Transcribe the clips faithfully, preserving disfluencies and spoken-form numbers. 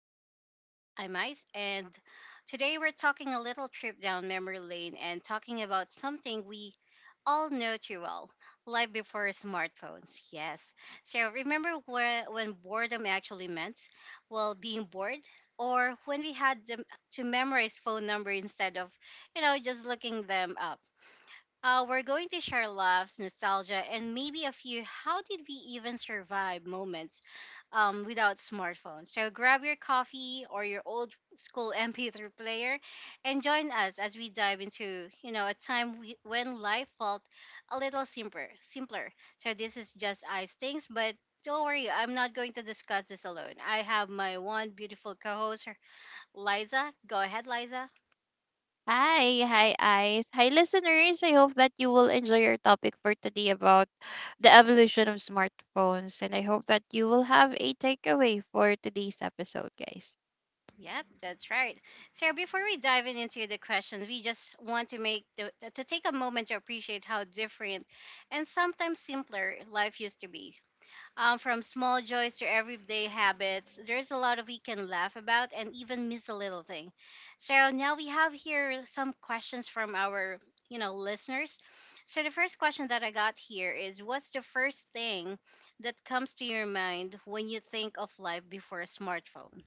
Just Ice Things. I'm Ice, and today we're talking a little trip down memory lane and talking about something we all know too well, life before smartphones. Yes. So, remember where, when boredom actually meant? Well, being bored, or when we had them to memorize phone number instead of, you know, just looking them up. Uh, we're going to share laughs, nostalgia, and maybe a few how did we even survive moments um, without smartphones. So grab your coffee or your old school M P three player and join us as we dive into, you know, a time we, when life felt a little simpler, simpler. So this is just ice things, but don't worry, I'm not going to discuss this alone. I have my one beautiful co-host, Liza. Go ahead, Liza. Hi, hi, Ice. Hi, listeners. I hope that you will enjoy our topic for today about the evolution of smartphones. And I hope that you will have a takeaway for today's episode, guys. Yep, that's right. So before we dive in into the questions, we just want to make the, to take a moment to appreciate how different and sometimes simpler life used to be. Um, from small joys to everyday habits, there's a lot of we can laugh about and even miss a little thing. So now we have here some questions from our you know listeners. So the first question that I got here is, what's the first thing that comes to your mind when you think of life before a smartphone?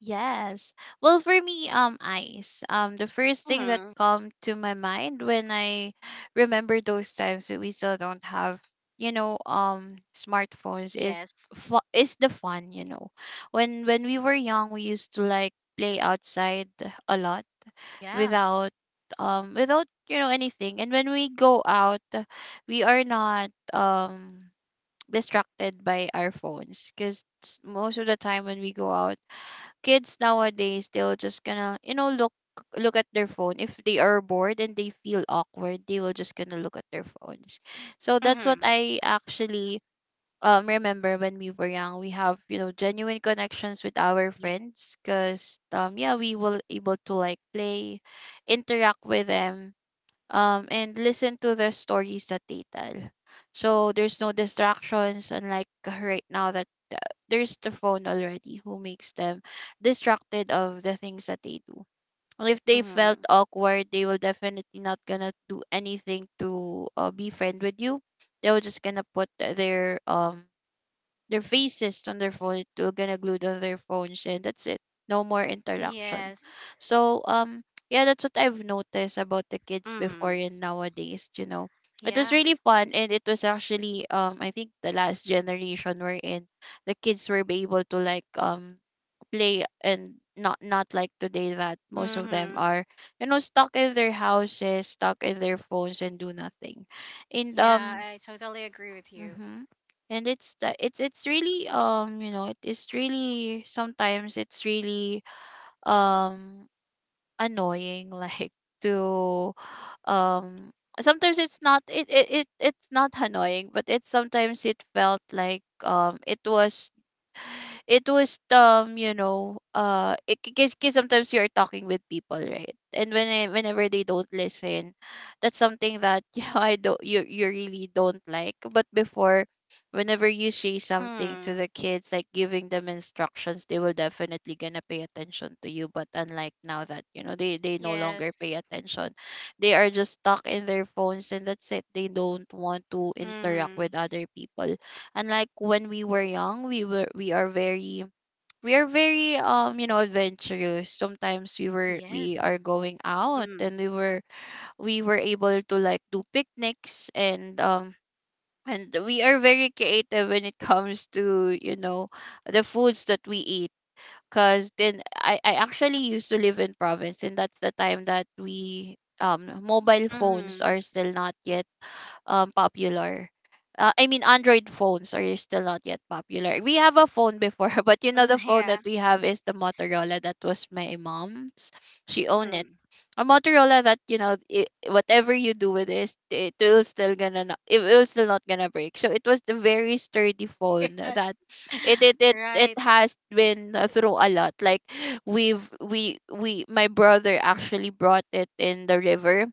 Yes. Well, for me, um, Ice, um, the first thing that come to my mind when I remember those times that we still don't have, you know, um, smartphones is Yes. fu- is the fun, you know. When when we were young, we used to like play outside a lot Yeah. without um without you know anything. And when we go out, uh, we are not um distracted by our phones, because most of the time when we go out, kids nowadays they'll just gonna you know look look at their phone if they are bored, and they feel awkward, they will just gonna look at their phones. So that's what Mhm. I actually um remember. When we were young, we have, you know genuine connections with our Yeah. friends, because um yeah, we were able to like play, interact with them, um and listen to the stories that they tell. So there's no distractions, unlike right now that there's the phone already, who makes them distracted of the things that they do. And if they felt Mhm. awkward, they will definitely not gonna do anything to uh, be friend with you. They were just gonna put their um their faces on their phone, to gonna glued on their phones, and that's it. No more interaction. Yes. So um yeah, that's what I've noticed about the kids before Mhm. and nowadays you know It was Yeah. really fun, and it was actually um I think the last generation we're in, the kids were be able to like um play, and not not like today, that most of them Mhm. are, you know stuck in their houses, stuck in their phones, and do nothing and Yeah, um I totally agree with you. Mm-hmm. And it's the it's it's really, um you know it is really, sometimes it's really um annoying like to um sometimes it's not, it, it it it's not annoying, but it's sometimes it felt like um it was, it was um you know uh it because sometimes you're talking with people, right, and when I, whenever they don't listen, that's something that you know I don't, you, you really don't like. But before, whenever you say something to Mhm. the kids, like giving them instructions, they will definitely gonna pay attention to you. But unlike now, that, you know they they no longer Yes. pay attention. They are just stuck in their phones, and that's it. They don't want to interact with Mhm. other people. Unlike when we were young, we were we are very, we are very um you know adventurous. Sometimes we were we Yes. are going out, Mhm. and we were we were able to like do picnics, and um and we are very creative when it comes to, you know the foods that we eat. Because then I, I actually used to live in province, and that's the time that we um mobile phones Mhm. are still not yet um popular. Uh, I mean, Android phones are still not yet popular. We have a phone before, but you know Mm, the phone that yeah. we have is the Motorola that was my mom's. She owned it. Mhm. A Motorola that, you know, it whatever you do with this, it will still gonna not, it will still not gonna break. So it was the very sturdy phone, Yes. that it it it it Right. has been, uh, through a lot. Like, we've we we my brother actually brought it in the river,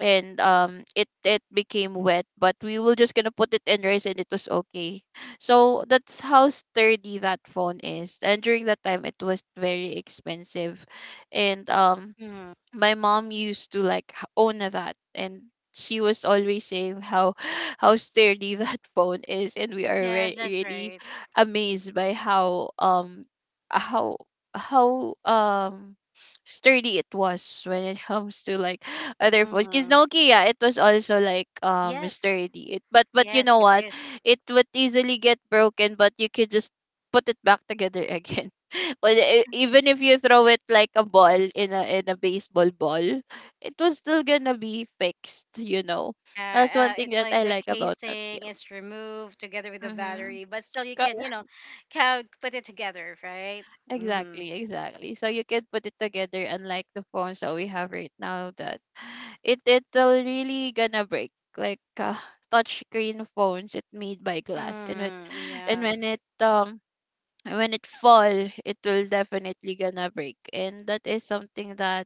and um it it became wet, but we were just gonna put it in rice, and it was okay. So that's how sturdy that phone is. And during that time, it was very expensive. And um Mhm. my mom used to like h- own a that, and she was always saying how how sturdy that phone is. And we are Yes, re- that's really right. amazed by how um how how um sturdy it was when it comes to like other phones, because Mhm. Nokia, it was also like um Yes. sturdy it, but but you Yes, know it what, is. it would easily get broken, but you could just put it back together again. Well, e- even if you throw it like a ball in a in a baseball ball, it was still gonna be fixed. You know, Uh, that's uh, one thing It's that like I the like about Nokia. casing is removed together with the Mm-hmm. battery, but still you can, you know, ca- put it together, right? Mm-hmm. Exactly, exactly. So you can put it together, unlike the phones that we have right now, that it it'll really gonna break. Like uh, touch screen phones, it made by glass, and it Mm-hmm. and Yeah. when it um when it fall, it will definitely gonna break, and that is something that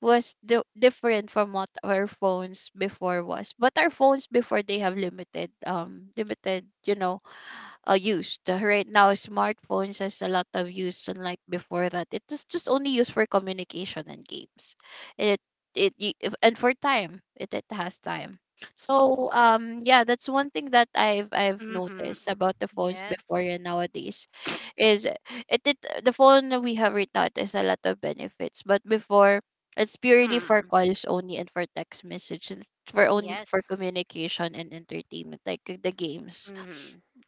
was di- different from what our phones before was. But our phones before, they have limited um limited, you know, uh, used. Uh, Right now, smartphones has a lot of use, unlike before that it was just only used for communication and games. It it y- if- and for time, it it has time. So um yeah, that's one thing that I've I've Mm-hmm. noticed about the phones before Yes. and nowadays is, it, it the phone that we have right now, it has a lot of benefits. But before, it's purely for Mm. calls only, and for text messages, for only for Yes. communication and entertainment, like the games. Mm-hmm.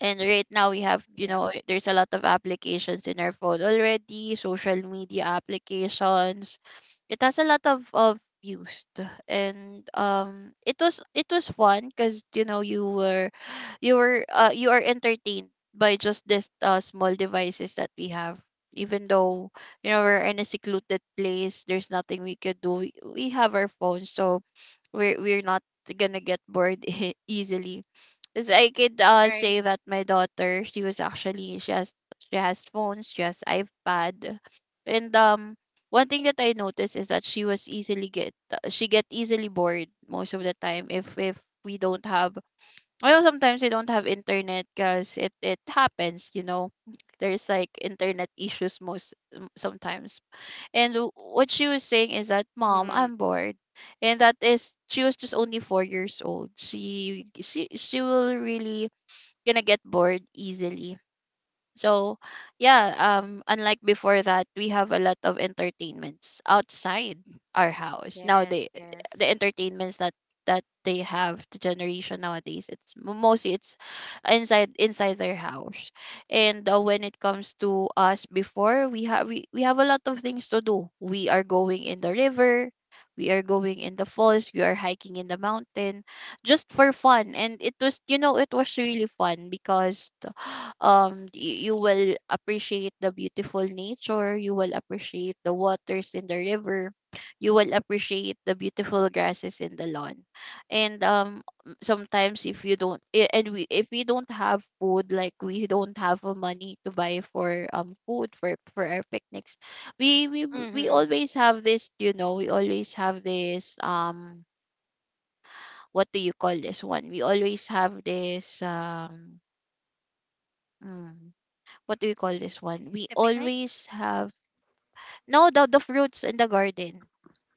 And right now we have, you Yeah. know, there's a lot of applications in our phone already, social media applications. It has a lot of of used. And um it was it was fun, because you know you were you were uh, you are entertained by just this uh, small devices that we have, even though, you know we're in a secluded place, there's nothing we could do, we, we have our phones. So we're we're not gonna get bored easily, because I could uh Right. say that my daughter, she was actually she has she has phones, she has iPad. And um one thing that I noticed is that she was easily get she get easily bored most of the time. If if we don't have, well, sometimes we don't have internet, because it it happens, you know there's like internet issues most, um, sometimes. And w- what she was saying is that, mom, Mm-hmm. I'm bored. And that is, she was just only four years old, she she she will really gonna get bored easily. So, yeah, um, unlike before that, we have a lot of entertainments outside our house. Now Yes. they, Yes. the entertainments that that they have, the generation nowadays, it's m- mostly, it's inside inside their house. And uh, when it comes to us before, we have we, we have a lot of things to do. We are going in the river, we are going in the falls, we are hiking in the mountain, just for fun. And it was you know it was really fun, because um y- you will appreciate the beautiful nature. You will appreciate the waters in the river. You will appreciate the beautiful grasses in the lawn. And um m- sometimes, if you don't i- and we if we don't have food, like we don't have uh, money to buy for um food for for our picnics, we we we Mm-hmm. always have this, you know we always have this, um what do you call this one, we always have this, um hmm, what do we call this one? We The picnic? always have, no, the, the fruits in the garden.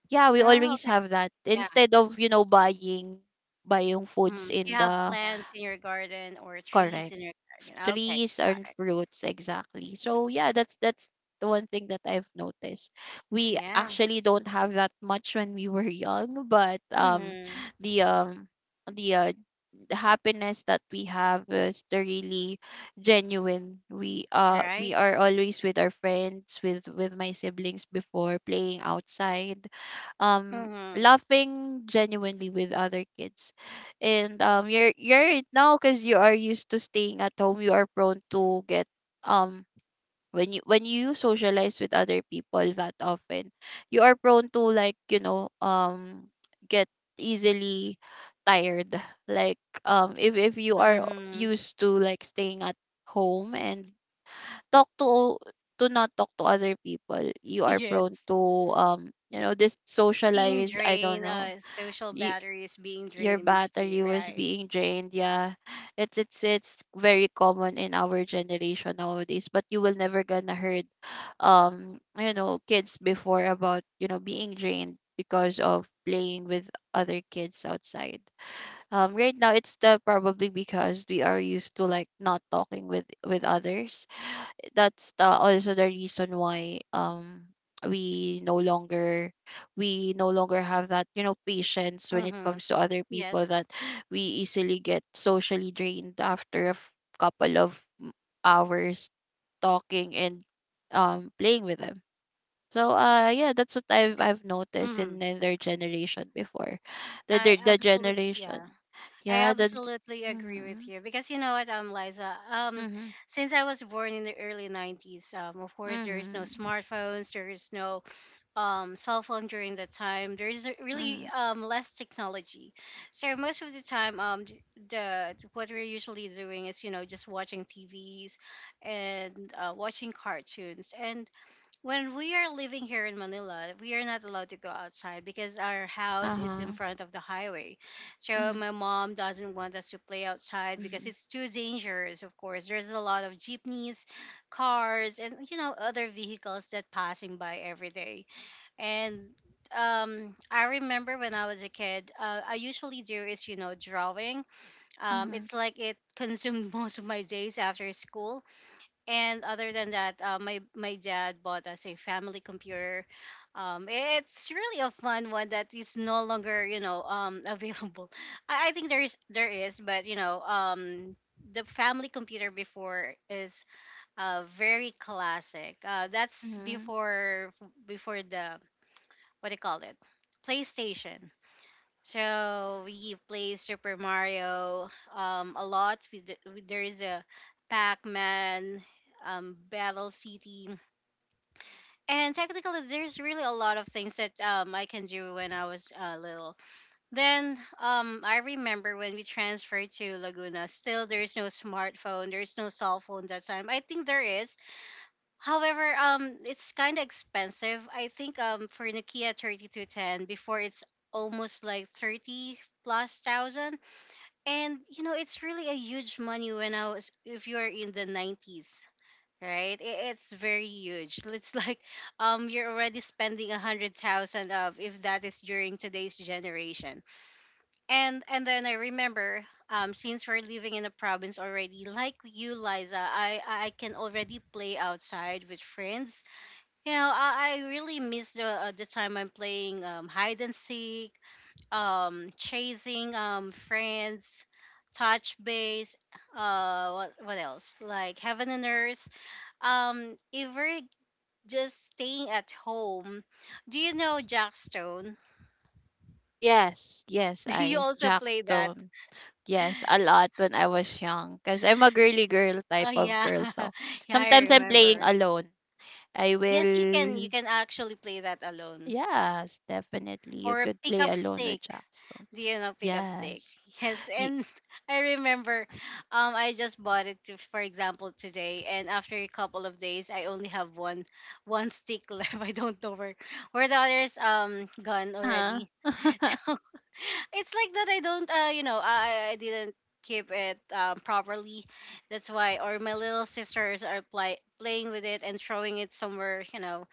Yeah, we Oh, always okay. have that, Yeah. instead of, you know buying buying foods Mm-hmm. You in have the — plants in your garden or trees correct, in your garden. Okay. trees and Got it. fruits, exactly. So yeah, that's that's the one thing that I've noticed. We Yeah. actually don't have that much when we were young, but um Mm-hmm. the um the uh, the happiness that we have is the really genuine. We uh we Right. are always with our friends, with with my siblings before, playing outside, um Mm-hmm. laughing genuinely with other kids. And um you're you're right now, because you are used to staying at home, you are prone to get, um when you when you socialize with other people that often, you are prone to like, you know um get easily tired, like, um if if you are Mm-hmm. used to like staying at home, and talk to to not talk to other people, you are prone Yes. to um you know this Being socialize, I don't drained, know. uh, social you battery is being your drained battery immediately, was right? being drained. Yeah, it's it's it's very common in our generation nowadays. But you will never gonna heard, um, you know, kids before about you know being drained because of playing with other kids outside. Um, right now it's the probably because we are used to like not talking with with others. That's the, also the reason why um we no longer we no longer have that, you know, patience when it Mm-hmm. comes to other people, Yes. that we easily get socially drained after a f- couple of m- hours talking and um playing with them. So uh yeah, that's what i've Yes. i've noticed Mm-hmm. in, in their generation before, the I the, the absolutely, generation. yeah. I Yeah, the. absolutely agree with Mm-hmm, you because you know what, um, Liza, um, mm-hmm. since I was born in the early nineties, um, of course there is no Hmm. smartphones, there is no um, cell phone during that time. There is really Hmm. um, less technology, so most of the time, um, d- the what we're usually doing is you know just watching T Vs and uh, watching cartoons. And when we are living here in Manila, we are not allowed to go outside because our house is in Uh-huh. front of the highway. So Mm-hmm. my mom doesn't want us to play outside because Mm-hmm. it's too dangerous. Of course, there's a lot of jeepneys, cars, and you know other vehicles that passing by every day and um, I remember when I was a kid, uh, I usually do is, you know, drawing. Um, Mm-hmm. It's like it consumed most of my days after school. And other than that, uh, my, my dad bought us a family computer. Um, it's really a fun one that is no longer, you know, um, available. I, I think there is, there is, but, you know, um, the family computer before is uh, very classic. Uh, that's Mm-hmm. before before the what do you call it? PlayStation. So we play Super Mario um, a lot. We, d- we- there is a Pac-Man, um, Battle City, and technically there's really a lot of things that um, I can do when I was uh, little. Then um, I remember when we transferred to Laguna. Still, there's no smartphone. There's no cell phone that time. I think there is. However, um, it's kind of expensive. I think um for Nokia thirty two ten before it's almost like thirty plus thousand. And you know, it's really a huge money when I was if you're in the nineties, right? I- It's very huge. It's like um you're already spending a one hundred thousand of if that is during today's generation. And and then I remember um since we're living in the province already, like you Liza, I I I can already play outside with friends you know, I, I really miss the uh, the time I'm playing um, hide and seek, um, chasing um, friends, touch base. Uh, what what else? Like heaven and earth. Um, ever just staying at home. Do you know Jackstone? Yes, yes, Do you Ice. also Jack play that? Stone. Yes, a lot when I was young. Because I'm a girly girl Oh type of yeah, girl. So yeah, I sometimes I'm playing remember. alone. I Yes, you can. You will. can actually play that alone Yes, definitely. You or could pick play up alone stick. with Jack Stone. Do you know pickup stick? Yes. Yes, Y- and I remember, um, I just bought it to, for example today, and after a couple of days, I only have one one stick left. I don't know where where the others um gone uh already. huh. So it's like that I don't uh you know I, I didn't keep it um, properly that's why or my little sisters are play, playing with it and throwing it somewhere you know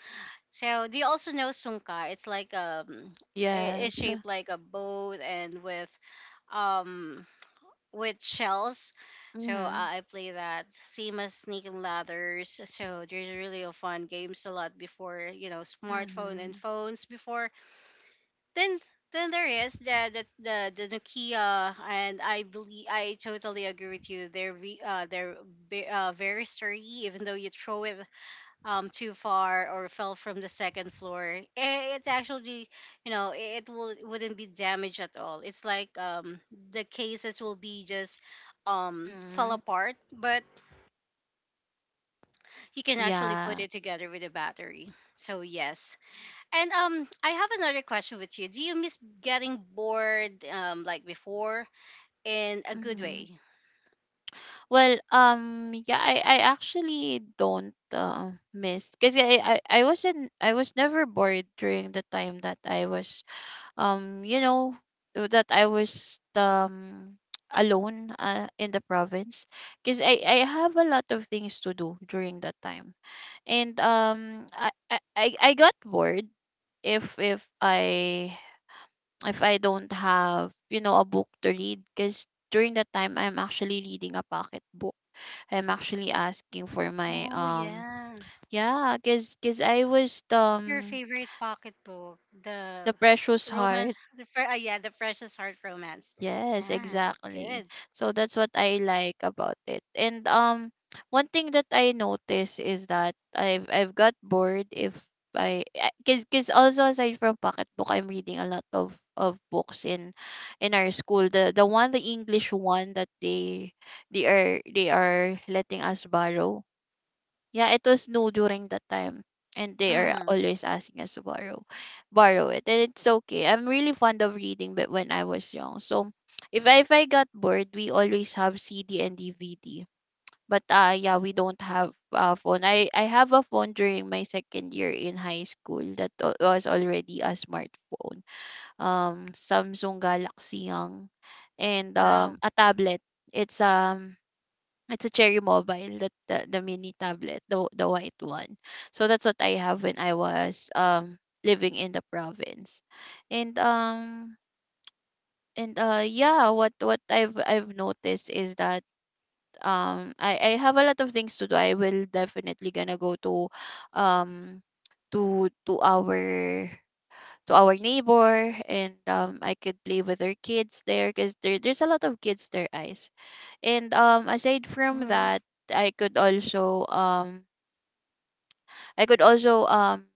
so do you also know sungka? It's like um, I- it's Yes. shaped like a boat and with um with shells. So uh, Mm-hmm. I play that same as Snake and Ladders. So there's really a fun games a lot before you know smartphone and Mm-hmm. phones before. Then then there is the the the, the Nokia and I believe I totally agree with you. They're ve- uh they're ve- uh, very sturdy even though you throw it um too far or fell from the second floor eh, it's actually you know eh, it will wouldn't be damaged at all it's like um the cases will be just um fell Mm-hmm. apart but you can actually put Yeah. it together with a battery so yes and um I have another question with you do you miss getting bored um like before in a good Mm-hmm. way. Well, um, yeah, I, I actually don't uh, miss, because I, I I wasn't, I was never bored during the time that I was um you know uh, that I was um alone, uh, in the province, because I I have a lot of things to do during that time. And um I I I I got bored if if I if I don't have, you know, a book to read, because during that time I'm actually reading a pocket book. I'm actually asking for Oh my um yeah. yeah, cause cause I was Your um favorite pocketbook, the the Precious romance, Heart. the fir- ah, yeah, the Precious Heart romance. Yes, Yeah, exactly. good. So that's what I like about it. And um one thing that I notice is that I've I've got bored if I I- cause, cause also, aside from pocketbook, I'm reading a lot of of books in in our school, the the one, the English one that they they are they are letting us borrow. Yeah, it was new during that time. And they are Hmm. always asking us to borrow borrow it. And it's okay. I'm really fond of reading, but when I was young. So if I if I got bored, we always have C D and D V D. But uh yeah, we don't have a phone. I, I have a phone during my second year in high school that wa- was already a smartphone. Um Samsung Galaxy Young, and Wow. um a tablet. It's um it's a Cherry Mobile, that the, the mini tablet, the the white one. So that's what I have when I was um living in the province. And um and uh yeah, what what I've I've noticed is that um I I have a lot of things to do. I will definitely gonna go to um to to our to our neighbor, and um I could play with their kids there, because there there's a lot of kids there, eyes. And um aside from Hmm. that, I could also um I could also um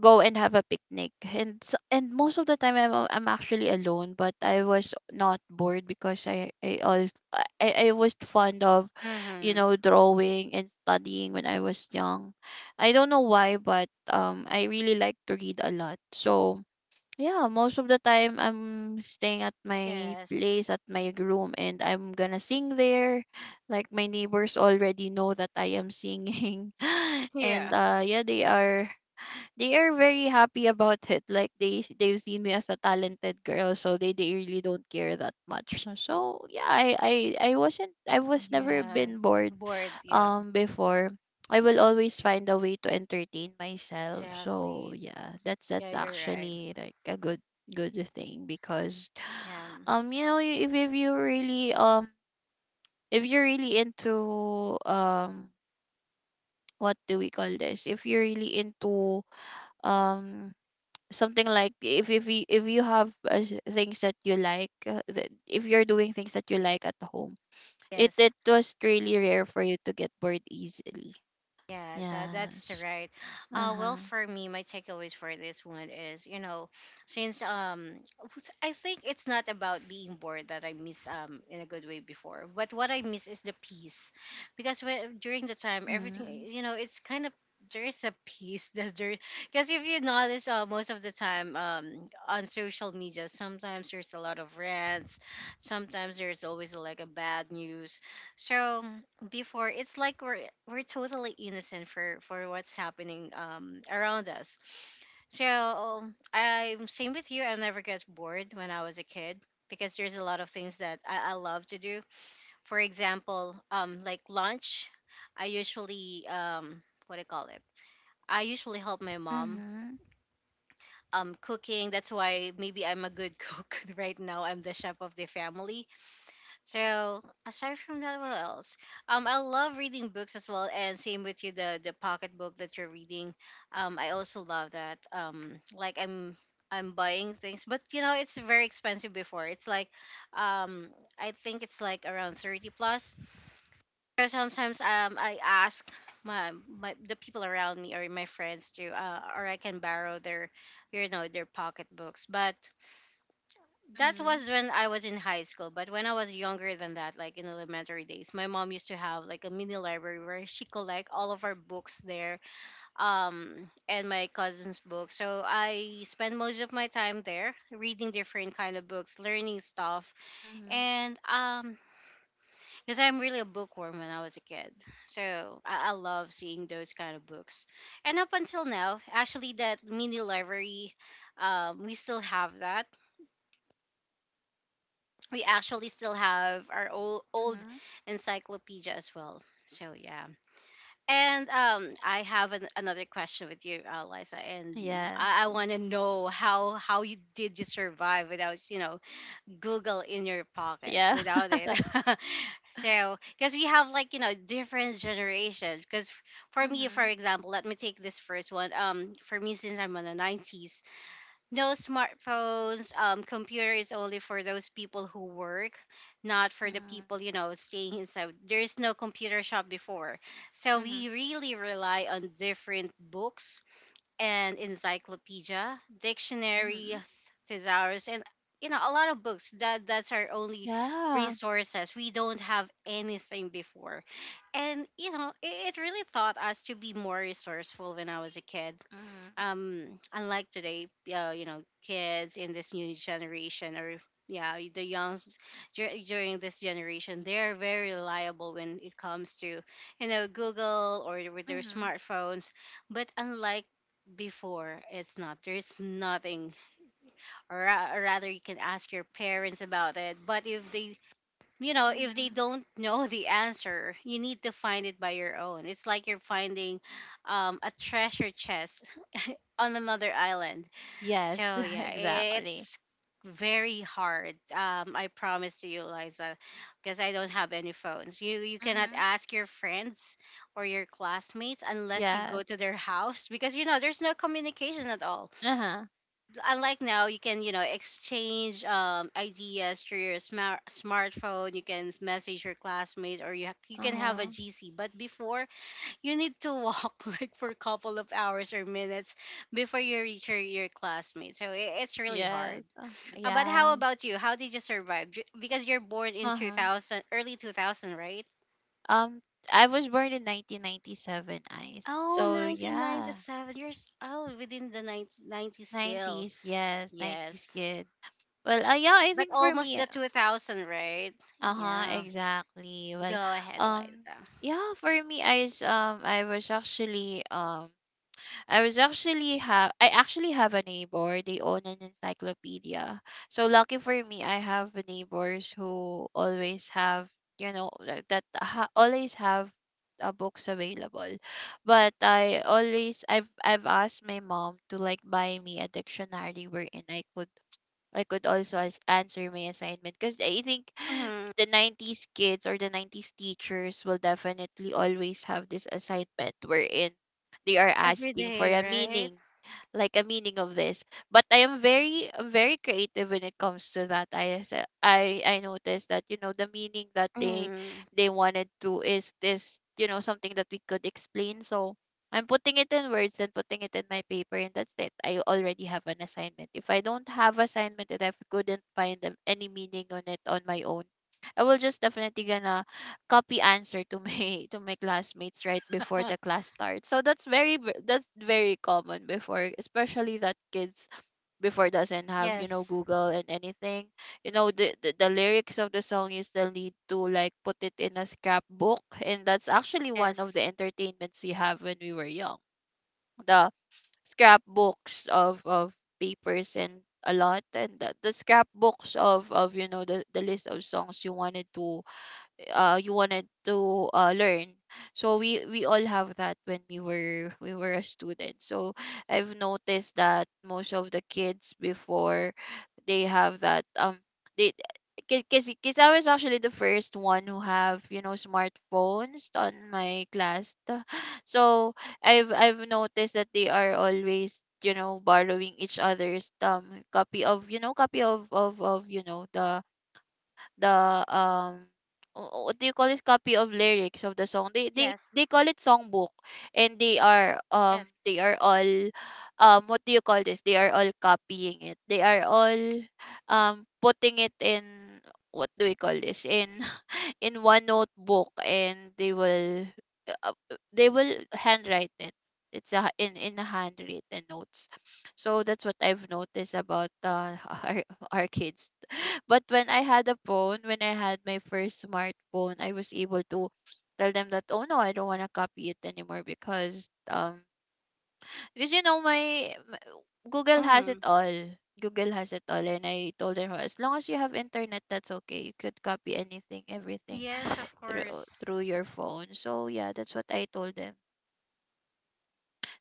go and have a picnic. And s- and most of the time I'm a- I'm actually alone, but I was not bored, because I I also, I, I was fond of, you Hmm. know, drawing and studying when I was young. I don't know why, but um I really like to read a lot. So yeah, most of the time I'm staying at my Yes. place, at my room, and I'm gonna sing there. Like my neighbors already know that I am singing. Yeah. and uh yeah, they are they are very happy about it. Like they they've seen me as a talented girl, so they, they really don't care that much. So so, yeah, I, I I wasn't, I was never Yeah. been bored Bored. Yeah. um before. I will always find a way to entertain myself. So Exactly. yeah, that's that's Yeah, you're right. actually like a good good thing, because Yeah. um you know y- if if you really um if you're really into um what do we call this? If you're really into um something, like if if you if you have uh, s- things that you like, uh, that if you're doing things that you like at home, it it Yes. was really rare for you to get bored easily. Yeah, that that's Yes. right. Uh, well, Uh-huh. for me, my takeaways for this one is, you know, since um, what's- I think it's not about being bored that I miss um in a good way before, but what I miss is the peace, because when, during the time everything, Mhm. you know, it's kind of there is a peace that's there because if you notice uh, most of the time um, on social media sometimes there's a lot of rants sometimes there's always like a bad news so before it's like we're we're totally innocent for for what's happening um around us so I'm same with you I never get bored when I was a kid because there's a lot of things that i, I love to do for example um like lunch I usually um what do you call it I usually help my mom Mhm. um cooking that's why maybe I'm a good cook right now I'm the chef of the family. So aside from that, what else? Um, I love reading books as well, and same with you, the the pocket book that you're reading. Um, I also love that. Um, like I'm I'm buying things, but you know it's very expensive before. It's like, um, I think it's like around thirty plus. So sometimes um I ask my my the people around me or my friends to uh or I can borrow their, you know, their pocket books, but that Mhm. was when I was in high school, but when I was younger than that, like in elementary days, my mom used to have like a mini library where she collect all of our books there, um, and my cousin's books. So I spend most of my time there reading different kind of books, learning stuff, Mhm. and um, because I'm really a bookworm when I was a kid, so I, I love seeing those kind of books. And up until now, actually, that mini library, um, we still have that we actually still have our old, old Mhm. encyclopedia as well. So yeah. And um, I have an, another question with you, uh, Liza, and I, I Yes. want to know how how you did you survive without you know Google in your pocket Yeah. without it. So because we have like you know different generations. Because f- for me, for Mhm. example, let me take this first one. Um, for me, since I'm on the nineties, no smartphones, um, computer is only for those people who work, not for the Mhm. people, you know, staying inside. There is no computer shop before. So Mhm. we really rely on different books and encyclopedia, dictionary, Mhm. thesaurus, and you know, a lot of books. That that's our only Yeah. resources. We don't have anything before. And you know, it, it really taught us to be more resourceful when I was a kid Mhm. um unlike today. Uh, you know kids in this new generation, or yeah, the youngs dur- during this generation, they're very reliable when it comes to, you know, Google or with their Mhm. smartphones. But unlike before, it's not, there's nothing, or, ra- or rather, you can ask your parents about it, but if they, you know, if they Mhm. don't know the answer, you need to find it by your own. It's like you're finding um, a treasure chest on another island. Yes. So yeah, Exactly. it's very hard. Um, I promise to you, Liza, because I don't have any phones. You you cannot Mhm. ask your friends or your classmates unless you go Yes. to their house, because you know there's no communication at all. Uh-huh. Unlike now, you can, you know, exchange um, ideas through your smart smartphone. You can message your classmates, or you ha- you can have a Uh-huh. G C. But before, you need to walk like for a couple of hours or minutes before you reach your, your classmates. So i- it's really hard. Yes. Uh, Uh, but yeah. how about you? How did you survive? Ju- Because you're born in Uh-huh. two thousand, early two thousand, right? Um, I was born in nineteen ninety-seven, Ice. Oh, So nineteen ninety yeah, seven one nine nine seven. You're s- oh, within the ninety nineties still. nineties. Yes, nineties Yes. kid. Well, uh, yeah, I But think for almost me, the two thousand, right? uh-huh, Yeah. exactly. Well, Go ahead, um, Liza. yeah, for me, Ice, um, I was actually um I was actually have I actually have a neighbor. They own an encyclopedia. So lucky for me, I have neighbors who always have, you know, like that ha- always have, uh, books available. But I always I've I've asked my mom to like buy me a dictionary wherein I could I could also as- answer my assignment, because I think, Mhm. the nineties kids or the nineties teachers will definitely always have this assignment wherein they are Every asking for day, a right? meaning, like a meaning of this. But i am very I'm very creative when it comes to that. I as- i i noticed that, you know, the meaning that they Mm. they wanted to is this, you know, something that we could explain, so. I'm putting it in words and putting it in my paper, and that's it. I already have an assignment. If I don't have assignment and I couldn't find a- any meaning on it on my own, I will just definitely gonna copy answer to my to my classmates right before the class starts. So that's very v- that's very common before, especially that kids before doesn't have, you know, Yes. Google and anything. You know, the, the the lyrics of the song, you still need to like put it in a scrapbook, and that's actually one of Yes. the entertainments we have when we were young. The scrapbooks of of papers and a lot, and the, the scrapbooks of of, you know, the, the list of songs you wanted to, uh you wanted to uh learn. So we we all have that when we were we were a student, so I've noticed that most of the kids before, they have that, um they because because I was actually the first one who have, you know, smartphones on my class. So i've i've noticed that they are always, you know, borrowing each other's um copy of, you know, copy of of of, you know, the the um wh- what do you call this, copy of lyrics of the song. they they Yes. they call it songbook. And they are um Yes. they are all, um what do you call this they are all copying it, they are all um putting it in, what do we call this, in in one notebook, and they will uh, they will handwrite it. It's a, in in a handwritten notes. So that's what I've noticed about, uh, our, our kids. But when i had a phone when I had my first smartphone, I was able to tell them that, oh no, I don't want to copy it anymore, because um because you know, my m- Google has it Mm. all. Google has it all. And I told her, as long as you have internet, that's okay, you could copy anything, everything Yes, of through course. through your phone. So yeah, that's what I told them.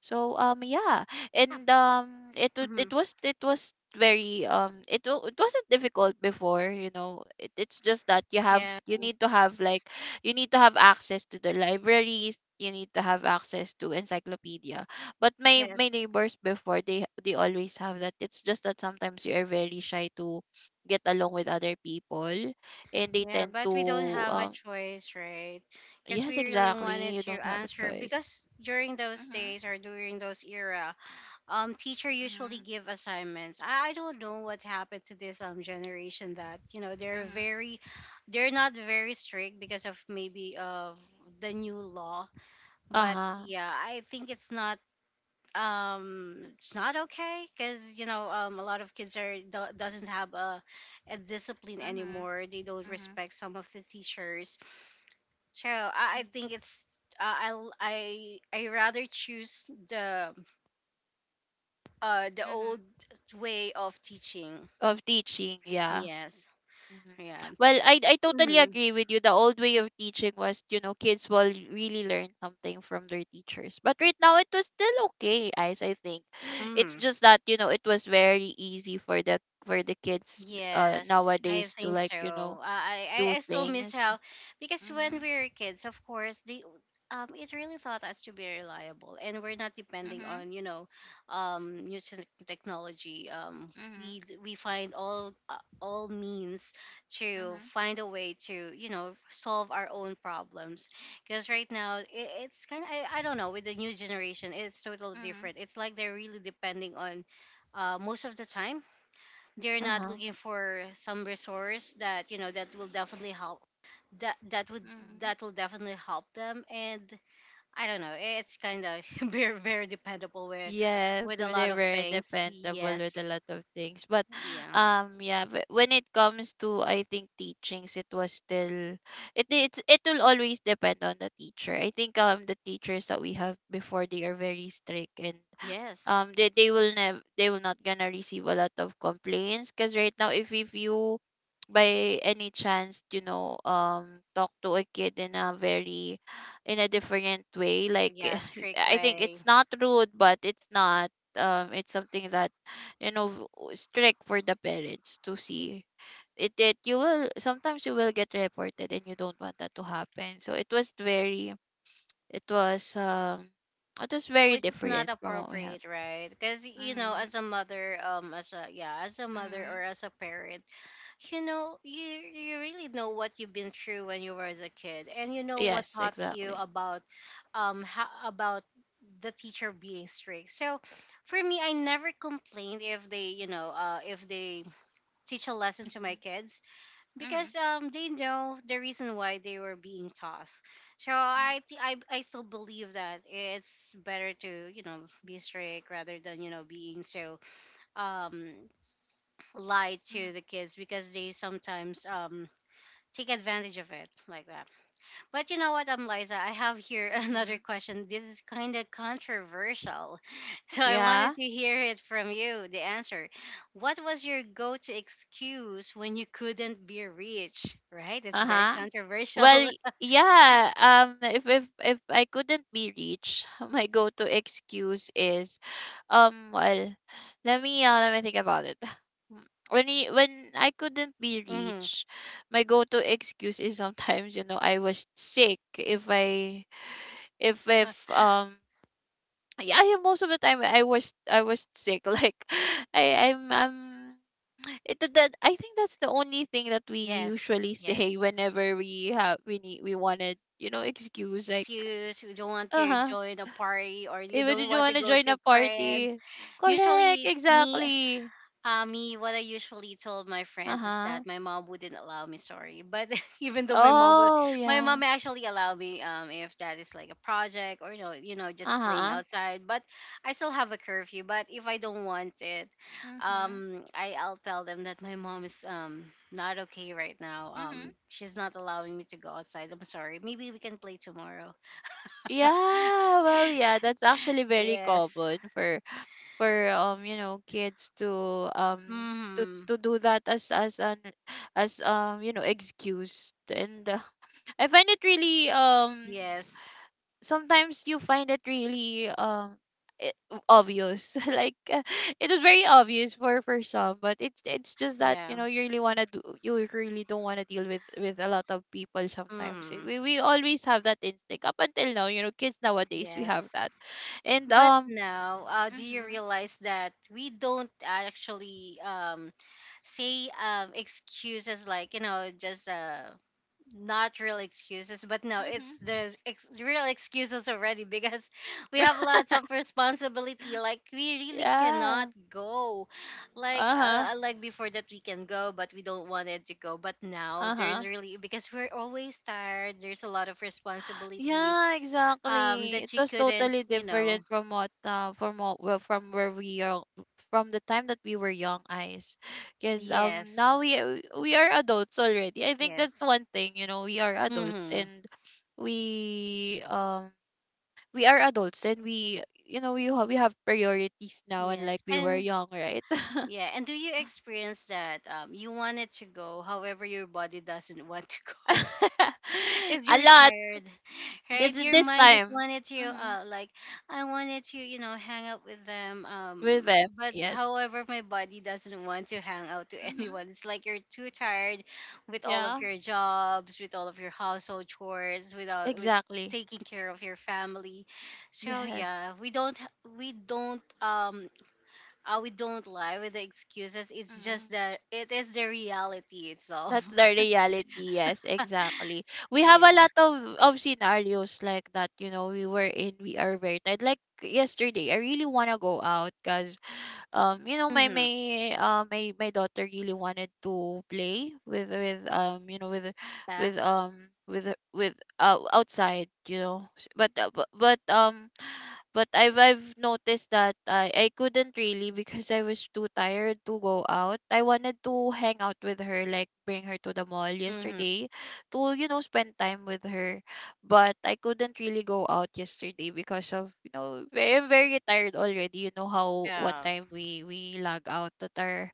So um yeah, Yeah. and um it wa- Mhm, it was it was very um it wa- it wasn't difficult before, you know. It, it's just that you have yeah, you need to have like you need to have access to the libraries, you need to have access to encyclopedia. But my my yes. neighbors before, they they always have that. It's just that sometimes you are very shy to get along with other people, and they Yeah. tend But to. we don't have a Um, choice, right? Because yes, we really exactly. wanted You to don't have a answer, choice. because during those Mhm, days or during those era, um, teacher usually mhm, give assignments. I, I don't know what happened to this um generation that, you know, they're mhm. very, they're not very strict because of maybe of the new law. But Uh-huh. yeah, I think it's not um it's not okay, because you know um a lot of kids are do- doesn't have a, a discipline Mhm, anymore, they don't mhm, respect some of the teachers. So i, I mhm, think it's uh, I'll, I I rather choose the uh the mhm. old way of teaching. Of teaching, yeah. Yes. Mhm. Yeah. Well, I I totally Mm-hmm. agree with you. The old way of teaching was, you know, kids will really learn something from their teachers. But right now, it was still okay, Ice, I think. It's Mm-hmm. just that, you know, it was very easy for the for the kids uh Yes, I nowadays to think like, so. you know, I, do I I still miss things. how, because when Mhm, we were kids, of course, the um it really taught us to be reliable, and we're not depending mhm, on, you know, um new tech- technology. Um mhm, we d- we find all uh, all means to mhm, find a way to, you know, solve our own problems. Because right now it, it's kind of, I, I don't know, with the new generation, it's totally mhm. different. It's like they're really depending on uh, most of the time they're not Uh-huh. looking for some resource that, you know, that will definitely help, that that would, Mm. that will definitely help them. And I don't know, it's kind of very, very dependable with Yes, with a they lot they of were things. dependable with a Yes, lot of things. But yeah. um yeah, but when it comes to, I think, teachings, it was still, it it's it will always depend on the teacher. I think um the teachers that we have before, they are very strict, and Yes, um they, they will never they will not gonna receive a lot of complaints, because right now, if, if you by any chance, you know, um talk to a kid in a very, in a different way, like yeah, strict I think way. it's not rude, but it's not, um it's something that, you know, w- strict for the parents to see, it it you will, sometimes you will get reported, and you don't want that to happen. So it was very, it was um it was very Which is not different from what we have. appropriate, right? Because you know Mm-hmm. as a mother, um as a yeah as a mother or Mm-hmm. as a parent, you know, you you really know what you've been through when you were as a kid, and you know what Yes, taught you exactly. about, um, how, about the teacher being strict. So, for me, I never complained if they, you know, uh, if they teach a lesson to Mm-hmm. my kids Mm-hmm. because um they know the reason why they were being taught. So I thi- I I still believe that it's better to, you know, be strict, rather than, you know, being so um lie to the Mm-hmm. kids, because they sometimes um take advantage of it like that. But you know what, um, Liza, I have here another Mm-hmm. question. This is kind of controversial, so I wanted Yeah. to hear it from you. The answer: what was your go-to excuse when you couldn't be rich? Right? It's very Uh-huh. controversial. Well, yeah, um if if if I couldn't be reached, my go-to excuse is, um well, let me uh, let me think about it. When he when I couldn't be Hmm. reached, my go-to excuse is sometimes, you know, I was sick if I if if um yeah, yeah, most of the time I was I was sick. Like I I'm um it that that- I think that's the only thing that we Yes, usually say yes. whenever we have we need we wanted you know excuse like Excuse, you don't want uh to huh. join a party, or you Even don't did you want to want to go join to a friends. party? Correct, Usually, me, exactly. uh, me, what I usually told my Uh friends is huh. that my mom wouldn't allow me. Sorry, but even though my mom would, Oh my mom yeah. actually allowed me. Um, if that is like a project, or you know, you know, just Uh playing huh. outside. But I still have a curfew. But if I don't want it, Mhm. um, I I'll tell them that my mom is um not okay right now. Mhm. Um, she's not allowing me to go outside. I'm sorry. Maybe we can play tomorrow. Yeah. Well, yeah. That's actually very Yes. common for for um you know kids to um to Hmm. to do that as as an as um you know excuse and uh, I find it really um Yes. sometimes you find it really um i- obvious like uh, it was very obvious for for some, but it's it's just that, you Yeah. know, you really want to do, you really don't want to deal with with a lot of people sometimes. Eh, Hmm. we, we always have that instinct up until now. You know, kids nowadays, we have Yes. that and But um now, uh, do you mhm realize that we don't actually um, say um, excuses like, you know, just uh, not real excuses, but no, it's mhm. there's ex- real excuses already, because we have lots of responsibility. Like, we really cannot Yeah. go. Like, Uh-huh, uh, uh, like before that, we can go, but we don't want it to go. But now, uh-huh. there's really, because we're always tired, there's a lot of responsibility Yeah, um, exactly. It that you was couldn't, totally you know. different from what uh from what, well, from where we are, from the time that we were young eyes. Because um Yes. now we we are adults already. I think that's Yes. one thing, you know, we are adults Mm-hmm. and we um we are adults and, we you know, we have we have priorities now, and like Yes. we were And young, right? yeah, and do you experience that um you wanted to go, however your body doesn't want to go? Because A you're lot. tired, This right? is Your this mind is time. wanted to Mm-hmm. uh like, I wanted to, you know, hang out with them, With um, them, but yes. however my body doesn't want to hang out to Mm-hmm. anyone. It's like you're too tired with all of Yeah, your jobs, with all of your household chores, without with exactly. taking care of your family. So Yes. yeah, we don't we don't um uh, we don't lie with the excuses. It's just Mm-hmm. that it is the reality itself. That's the reality. Yes, exactly. We have a Yeah. lot of of scenarios like that. You know, we were in, we are very tired. Like yesterday, I really wanna go out because um, you know, my Mm-hmm. my uh my my daughter really wanted to play with with um you know with Yeah. with um with with uh outside. You know, S- but uh, bu- but um but I've I've noticed that I, I couldn't really, because I was too tired to go out. I wanted to hang out with her, like bring her to the mall Mm-hmm. yesterday to, you know, spend time with her. But I couldn't really go out yesterday because of, you know, ve- I'm very tired already. You know how what Yeah. time we we log out at our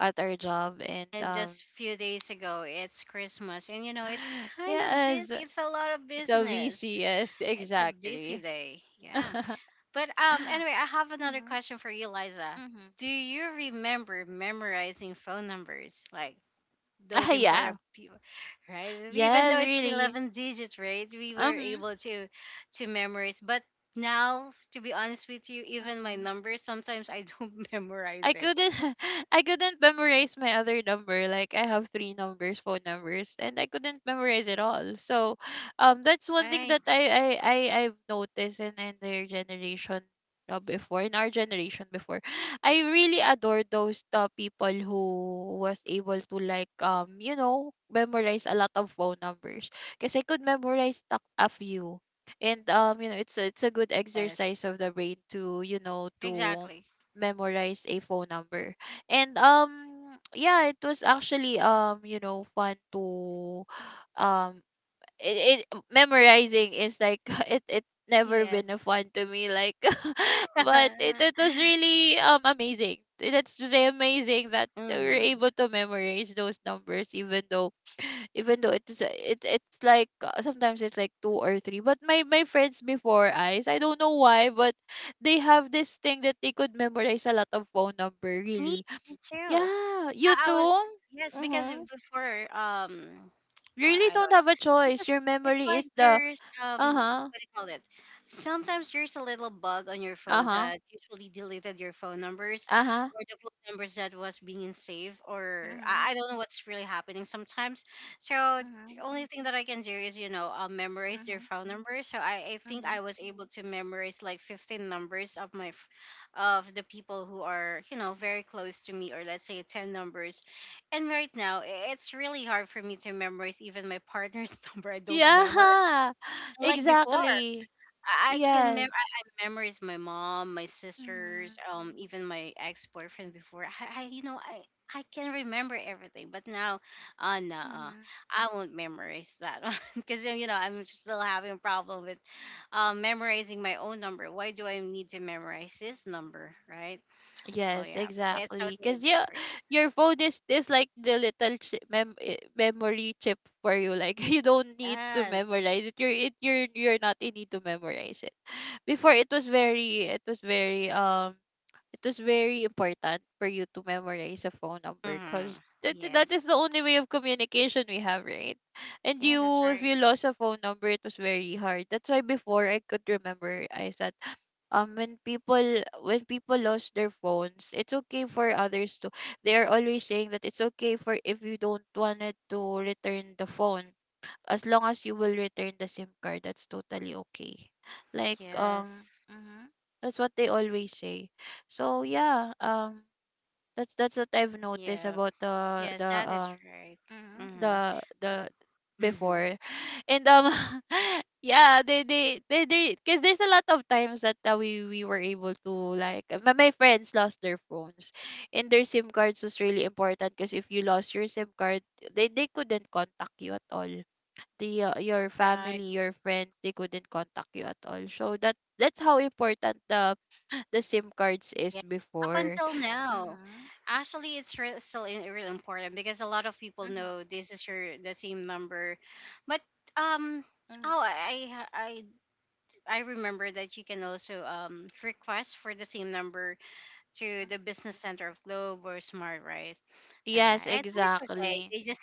at our job and And um just few days ago it's Christmas, and you know it's kind of busy, yes, it's a lot of it's a business. V C S It's a busy exactly. day, yeah. Mhm. But um anyway, I have another question for you, Liza. Mhm. Do you remember memorizing phone numbers like Ah, those yeah. important people, right? Even Yes, though it's really. eleven digits, right, we were Um. able to to memorize. But now, to be honest with you, even my Hmm. numbers sometimes I don't I memorize it. couldn't. I couldn't memorize my other number. Like I have three numbers, phone numbers, and I couldn't memorize it all. So um that's one thing Right. that I I, I I've noticed in, in their generation, uh, before, in our generation before. I really adore those uh, people who was able to, like, um, you know, memorize a lot of phone numbers. Because I could memorize tak- a few. And um, you know, it's a, it's a good Yes, exercise of the brain to, you know, to exactly. memorize a phone number. And um yeah, it was actually um you know fun to um it, it, memorizing is like, it it's never been a Yes. fun to me, like, but it, it was really um amazing. That's to say amazing that we were Hmm. able to memorize those numbers, even though, even though it's, it, it's like, uh, sometimes it's like two or three, but my my friends before eyes, I don't know why, but they have this thing that they could memorize a lot of phone number, Me, really. me too. Yeah, you I, I was, too. yes, because Mm-hmm. before um I, Really I don't have a choice, because your it's memory like is the, there's um uh-huh. what do you call it, sometimes there's a little bug on your phone Uh-huh. that usually deleted your phone numbers, Uh-huh. or the phone numbers that was being saved, or Mhm. i, I don't know what's really happening sometimes. So the Mhm. only thing that I can do is, you know, I'll memorize their Mhm. phone numbers. So i, I think Mhm. I was able to memorize like fifteen numbers of my f- of the people who are, you know, very close to me, or let's say ten numbers. And right now, i- it's really hard for me to memorize even my partner's number. I don't memorize. Yeah. Like before, Exactly. I I can mem- I Yes. I memorize my mom, my sisters, Mhm. um, even my ex boyfriend before. I, I, you know, I, I can remember everything, but now, uh, no, Mhm. I won't memorize that one, because you know I'm still having a problem with, um, memorizing my own number. Why do I need to memorize his number, right? Oh Yes, yeah, it's exactly. totally Cause your different. your phone is is like the little chip, mem, eh, memory chip for you. Like, you don't need to Yes. memorize it. You're it you're you're not in need to memorize it. Before it was very, it was very um it was very important for you to memorize a phone number, because Hmm. that, that is Yes. the only way of communication we have, right? And Yeah, that's you, if right. you lost a phone number, it was very hard. That's why before I could remember, I said, um, when people when people lost their phones, it's okay for others to. They are always saying that it's okay, for if you don't wanted to return the phone, as long as you will return the SIM card, that's totally okay. Like um Yes. mhm, that's what they always say. So yeah, um that's that's what I've noticed Yeah. about the the Yes, that is um right. mhm, Mm-hmm. the the Mm-hmm. before. And um yeah, they they they they, because there's a lot of times that, uh, we we were able to, like, my, my friends lost their phones, and their SIM cards was really important. Because if you lost your SIM card, they they couldn't contact you at all, the uh, your Right. family, your friends, they couldn't contact you at all. So that that's how important the the SIM cards Yeah. is Up before. until now, Mhm. actually, it's re- still in- really important, because a lot of people Mhm. know this is your the same number, but um. Mhm. Oh, I I I I remember that you can also um request for the same number to Mhm. the business center of Globe or Smart, right? So yeah, Yes, it's, it's okay. exactly. They just,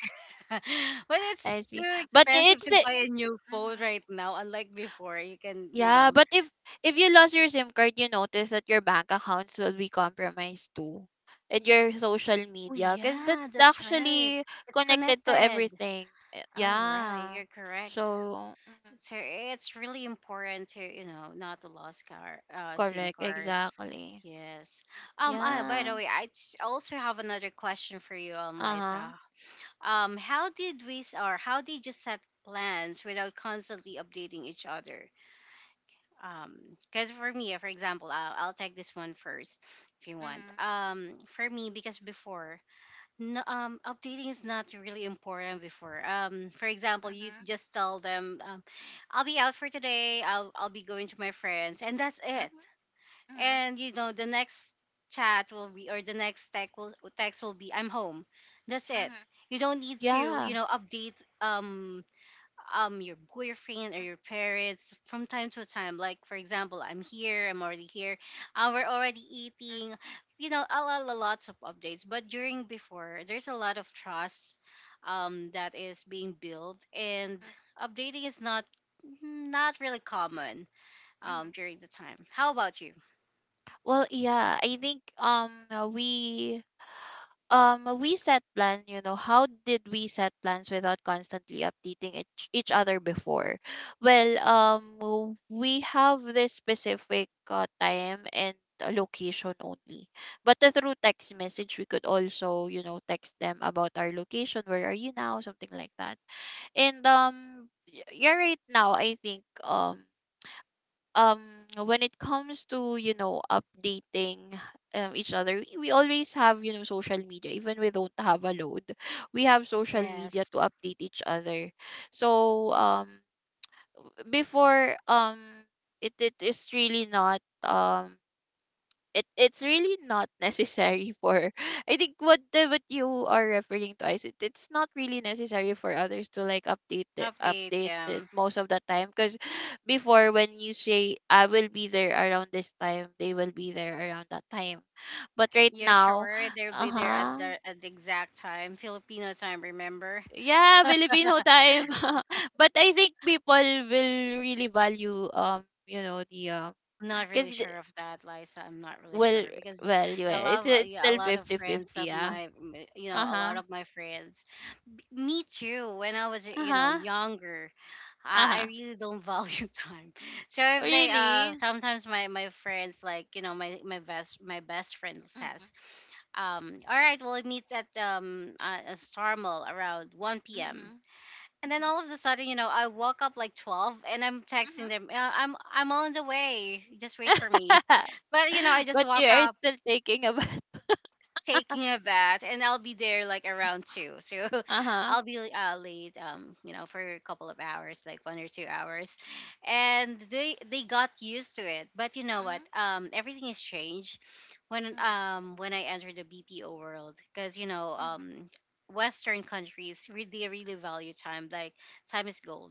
but I it's see. too But expensive it's to a- buy a new phone mhm. right now. Unlike before, you can, you Yeah, know. but if if you lost your SIM card, you notice that your bank accounts will be compromised too, and your social Oh media, because yeah, that's that's right. actually It's connected to connected. everything. Eh, Oh right, yeah. you're correct. So, mhm. So it's really important to, you know, not to lose car uh, SIM Correct, card. exactly. Yes. Um. Uh, by Yeah. the way, I t- also have another question for you, um, Liza. Uh-huh. Um, how did we s- or how did you set plans without constantly updating each other? Because for me, for example, I'll, I'll take this one first if you want. Mhm, Um, for me, because before, no, um, updating is not really important before. Um, for example, you mhm, just tell them, um, I'll be out for today. I'll I'll be going to my friends, and that's it. mhm, mhm, And you know the next chat will be, or the next text will text will be, I'm home. That's it. mhm, You don't need to, you yeah. know, update um um your boyfriend or Mhm, your parents from time to time. Like, for example, I'm here. I'm already here. Uh, we're already eating. You know, a lot, a lots of updates. But during before, there's a lot of trust um that is being built, and mhm, updating is not not really common um mhm. during the time. How about you? Well, yeah, I think um uh, we um uh, we set plan, you know, how did we set plans without constantly updating each, each other before? Well, um w- we have this specific uh, time and uh, location only. But, uh, through text message, we could also, you know, text them about our location, where are you now, something like that. And um y- yeah, right now I think um um when it comes to, you know, updating um, each other, we, we always have, you know, social media. Even we don't have a load, we have social media to Yes. update each other. So um w- before, um it, it is really not um it it's really not necessary for, I think what the what you are referring to is, it, it's not really necessary for others to, like, update it Update, update it yeah. most of the time, because before, when you say I will be there around this time, they will be there around that time. But right Yeah, now, sure. They'll be there at uh-huh, the at the exact time, Filipino time. Remember? yeah, Filipino time. But I think people will really value, um you know, the, um I'm not really because, sure of that, Liza. I'm not really well, sure because well you, I it's, love it's yeah, a still lot of fifty fifty 50, friends of yeah. my, m- you know, a lot Uh-huh. of my friends. Me too. When I was, you know, Uh-huh. younger, I, I Uh-huh. really don't value time. So if they, uh, Really? sometimes my my friends, like you know, my my best my best friend Mm-hmm. says, um, all right, we'll meet at um uh, a Star Mall around one p m. Mm-hmm. And then Mm-hmm. all of a sudden, you know, I woke up like twelve and I'm texting Mm-hmm. them, "Uh, I'm I'm on the way. Just wait for me. But you know, I just But you woke are up still thinking about. taking a bath and I'll be there like around two. So Uh-huh. I'll be uh, late um you know for a couple of hours like one or two hours. And they they got used to it. But you know what? Mm-hmm. Um everything is changed when Mm-hmm. um when I entered the B P O world because you know Mm-hmm. um western countries really they really value time like time is gold.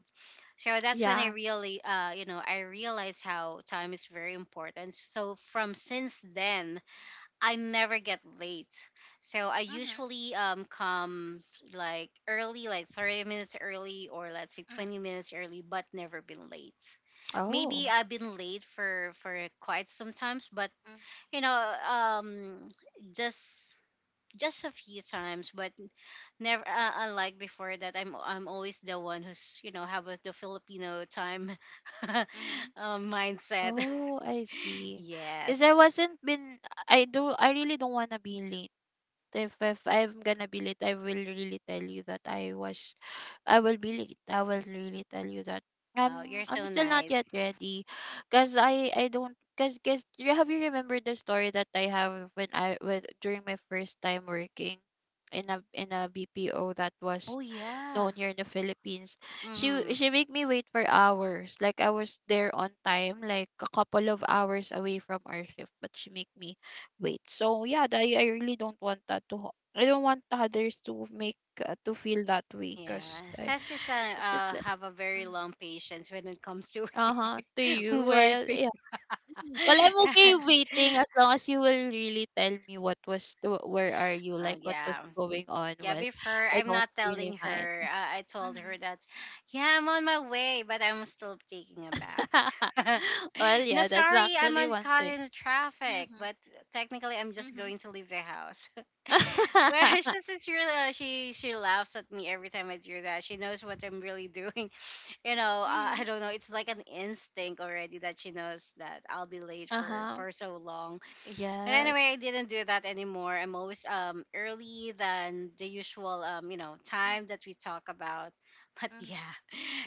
So that's when I Yeah. really uh you know I realized how time is very important. So from since then I never get late. So I Mm-hmm. usually um come like early, like thirty minutes early, or let's say Mm-hmm. twenty minutes early, but never been late. Maybe Oh. I've been late for for quite some times, but you know, um just just a few times, but never uh, unlike before that I'm I'm always the one who's, you know, have a, the Filipino time Mm-hmm. um, mindset. Oh, I see. Because I Yes. wasn't been I do, I really don't wanna be late. if if I'm gonna be late, I will really tell you that I was, I will be late. I will really tell you that Oh, um you're I'm so still not yet nice. ready, cause I I don't, cause cause you have, you remembered the story that I have when I with during my first time working in a in a B P O that was Oh yeah. known here in the Philippines. She w- Mhm. She make me wait for hours. Like I was there on time, like a couple of hours away from our shift, but she make me wait. So yeah, that, I I really don't want that to. ho- I don't want others to make, uh, to feel that way, Yeah, cause I, says uh, it's just uh like, have a very long patience when it comes to uh huh to you. Well, waiting. yeah. Well, I'm okay waiting as long as you will really tell me what was the, where are you, uh, like what was yeah, going on. yeah. Well, Before I I'm don't not really telling mind. her. Uh, I told Mm-hmm. her that, yeah, I'm on my way, but I'm still taking a bath. Well, No, yeah, that's sorry, I'm actually on, one caught thing. in the traffic, Mhm. but technically I'm just Mhm. going to leave the house. Well, she's just really uh, she she laughs at me every time I do that. She knows what I'm really doing. You know, uh, I Mhm. don't know. It's like an instinct already that she knows that I'll be late for Uh-huh. for so long. But Yes. anyway, I didn't do that anymore. I'm always um early than the usual um you know Mm, time that we talk about. But mhm. yeah.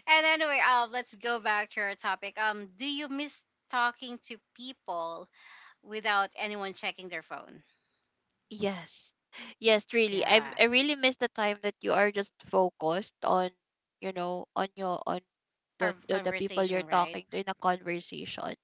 And anyway, um, let's go back to our topic. Um, do you miss talking to people without anyone checking their phone? Yes. Yes, really. I Yeah, I really miss the time that you are just focused on, you know, on your on the, our the the people conversation, you're right? talking to in a conversation.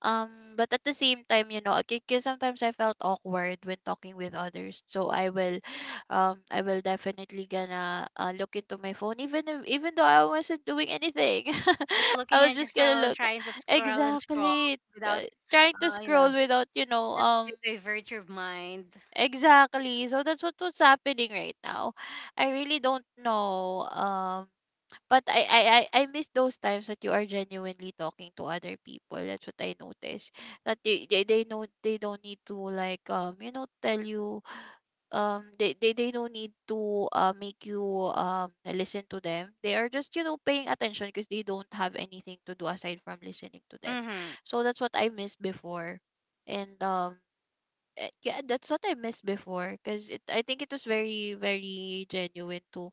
Um, but at the same time, you know, because sometimes I felt awkward when talking with others. So I will, um, I will definitely gonna, uh, look into my phone, even if, even though I wasn't doing anything. Just I looking was at your just gonna phone, look trying to scroll and scroll exactly, without, uh, trying to uh, you scroll know, without, you know, just to um, divert your mind. exactly. So that's what was happening right now. I really don't know. Um but I I I I miss those times that you are genuinely talking to other people. That's what I notice. That they they, they know they don't need to, like, um you know, tell you, um they, they they don't need to, uh make you um listen to them. They are just, you know, paying attention, because they don't have anything to do aside from listening to them. Mm-hmm. So that's what I missed before, and um. eh, Yeah, that's what I missed before because it I think it was very very genuine too,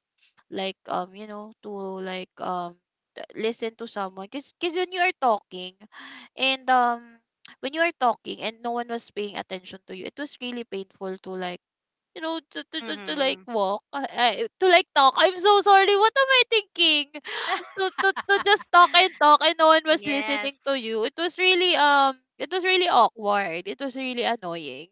like um you know to, like, um t- listen to someone, because because when you are talking and um when you are talking and no one was paying attention to you. It was really painful to, like, you know to to, to, to like Mm-hmm. walk uh, uh, to like talk. I'm so sorry, what am I thinking? To to to just talk and talk, and no one was listening Yes. to you. It was really um it was really awkward. It was really annoying.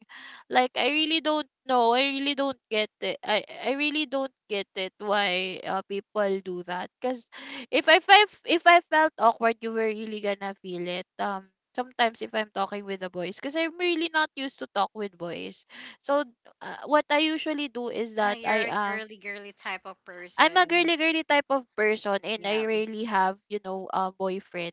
Like, I really don't know. I really don't get it. I I really don't get it why uh, people do that. Cause if I felt if I felt awkward, you were really gonna feel it. Um, sometimes if I'm talking with the boys, cause I'm really not used to talk with boys. So, uh, what I usually do is Ah, that you're I a um girly, girly type of I'm a person. girly girly type of person, and I Yeah. rarely have, you know, uh, boyfriends.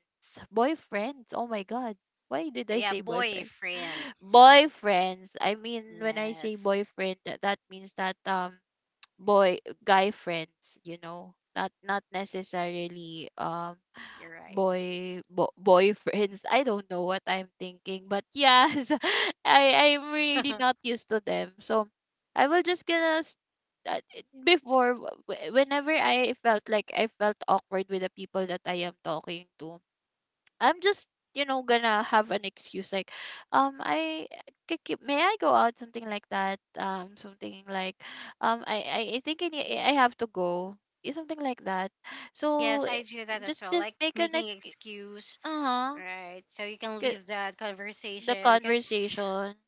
Boyfriends. Oh my god. Why did I Yeah, say boyfriends? boyfriends. Boyfriends. I mean, when I say Yes. boyfriend, that, that means that um boy guy friends, you know. Not not necessarily um Yes, you're right. boy bo- boyfriends. I don't know what I'm thinking, but yes, I I'm really not used to them. So I will just gonna s- uh, before, w- w- whenever I felt like I felt awkward with the people that I am talking to, I'm just you know gonna have an excuse, like, um I c- c- may I go out, something like that, um something like, um I I I think I, need- I have to go, eh, something like that, so Yes, eh, I do that as just well. just Like make an making ex-. excuse, Uh-huh. right? So you can K- leave that The conversation. Cause conversation.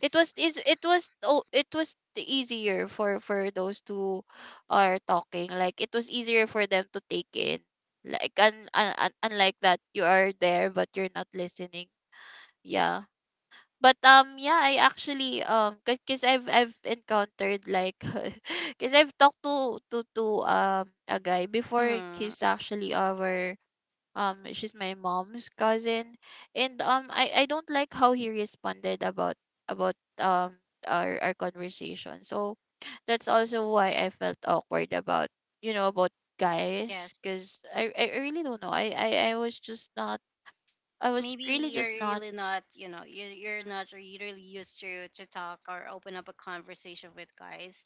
It was is it was oh it was the easier for for those two are talking. Like, it was easier for them to take in. Like, un, un, un, unlike that you are there but you're not listening. Yeah. But um yeah, I actually um cause, cause I've I've encountered, like, cause I've talked to to to um a guy before. hmm, He's actually our, um she's my mom's cousin, and um i i don't like how he responded about, about um our our conversation, so that's also why I felt awkward about, you know about yes, guys, because I, I really don't know. I, I i was just not I was maybe really you're just not. really not, you know, you're you're Mhm, not really used to to talk or open up a conversation with mhm. guys.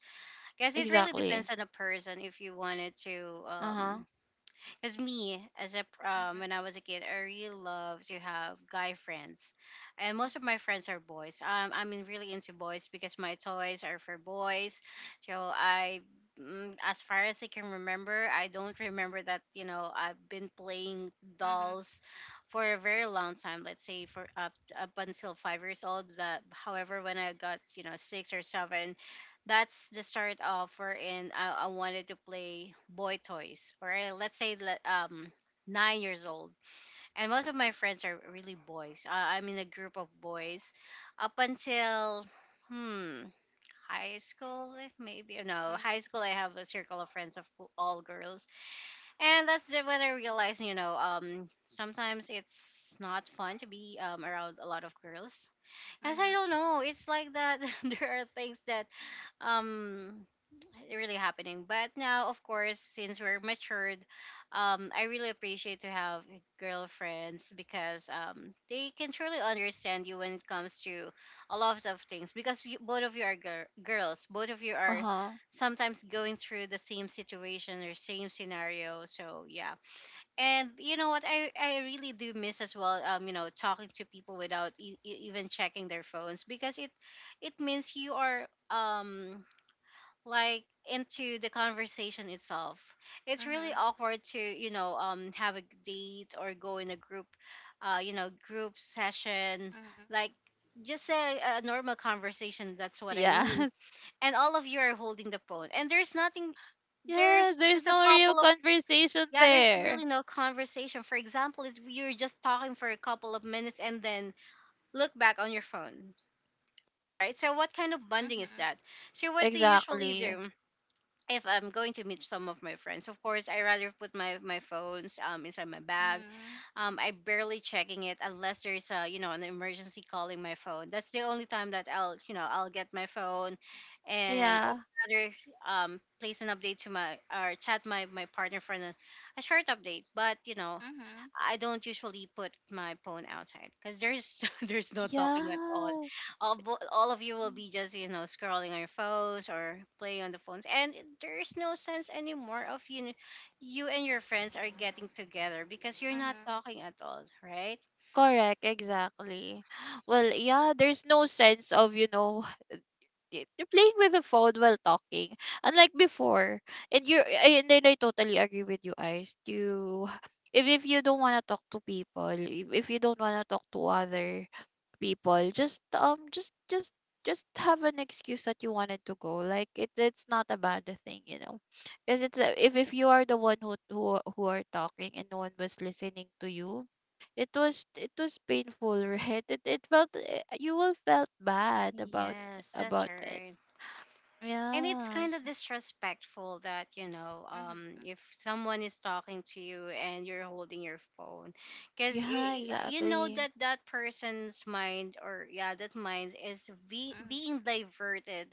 Because it really Exactly. depends on the person if you wanted to. Uh-huh. Um, because me as a pr- um, Mhm, when I was a kid, I really loved to have guy friends, and most of my friends are boys. Um, I'm in- really into boys because my toys are for boys. So I, mm, as far as I can remember, I don't mhm, remember that you know I've been playing mhm, dolls for a very long time. Let's say for up up until five years old. That however, when I got you know six or seven, that's the start of wherein I, I wanted to play boy toys or uh, let's say le- um nine years old, and most of my friends are really boys. uh, I'm in a group of boys up until hmm high school. Eh, maybe no, mhm, high school I have a circle of friends of who- all girls, and that's the- when I realized, you know, um sometimes it's not fun to be um, around a lot of girls, as I mhm. don't know, it's like that. There are things that um really happening. But now, of course, since we're matured, um, I really appreciate to have girlfriends because um, they can truly understand you when it comes to a lot of things. Because you, both of you are gir- girls, both of you are Uh-huh. sometimes going through the same situation or same scenario. So yeah, and you know what, I I really do miss as well. Um, you know, talking to people without e- e- even checking their phones, because it it means you are um like into the conversation itself. It's really Mhm, awkward to, you know, um have a date or go in a group, uh you know, group session, mhm. like just a, a normal conversation. That's what I Yes. mean. And all of you are holding the phone, and there's nothing, Yes, there's there's just a no real couple of, conversation yeah, there's there. really no conversation. For example, if you're just talking for a couple of minutes and then look back on your phone. Right? So what kind of bonding is Mhm. that? So what they usually Exactly. do? If I'm going to meet some of my friends, of course, I rather put my my phones um inside my bag. Mm. Um, I barely checking it unless there's a you know an emergency calling my phone. That's the only time that I'll you know I'll get my phone, and or Yeah. rather um place an update to my or chat my my partner for a, a short update. But you know Mhm. I don't usually put my phone outside because there's there's no talking at all. Yeah. All, bo- all of you will Mm. be just you know scrolling on your phones or playing on the phones, and there is no sense anymore of you know, you and your friends are getting together because you're not Mhm. talking at all, right? Correct, exactly. Well, yeah, there's no sense of, you know, y- you're playing with the phone while talking. Unlike before. And you and then I totally agree with you, Ice. You if if you don't wanna talk to people, if, if you don't wanna talk to other people, just um just just just have an excuse that you wanted to go, like, it, it's not a bad thing, you know because it's a- if if you are the one who, who who are talking, and no one was listening to you, it was it was painful. Right, it, it felt, eh, you will felt bad about Yes, that's about it. right. And it's kind Yes. of disrespectful that you know um Hmm. if someone is talking to you and you're holding your phone, because Yeah, you know exactly. that that person's mind, or yeah, that mind is be- Hmm. being diverted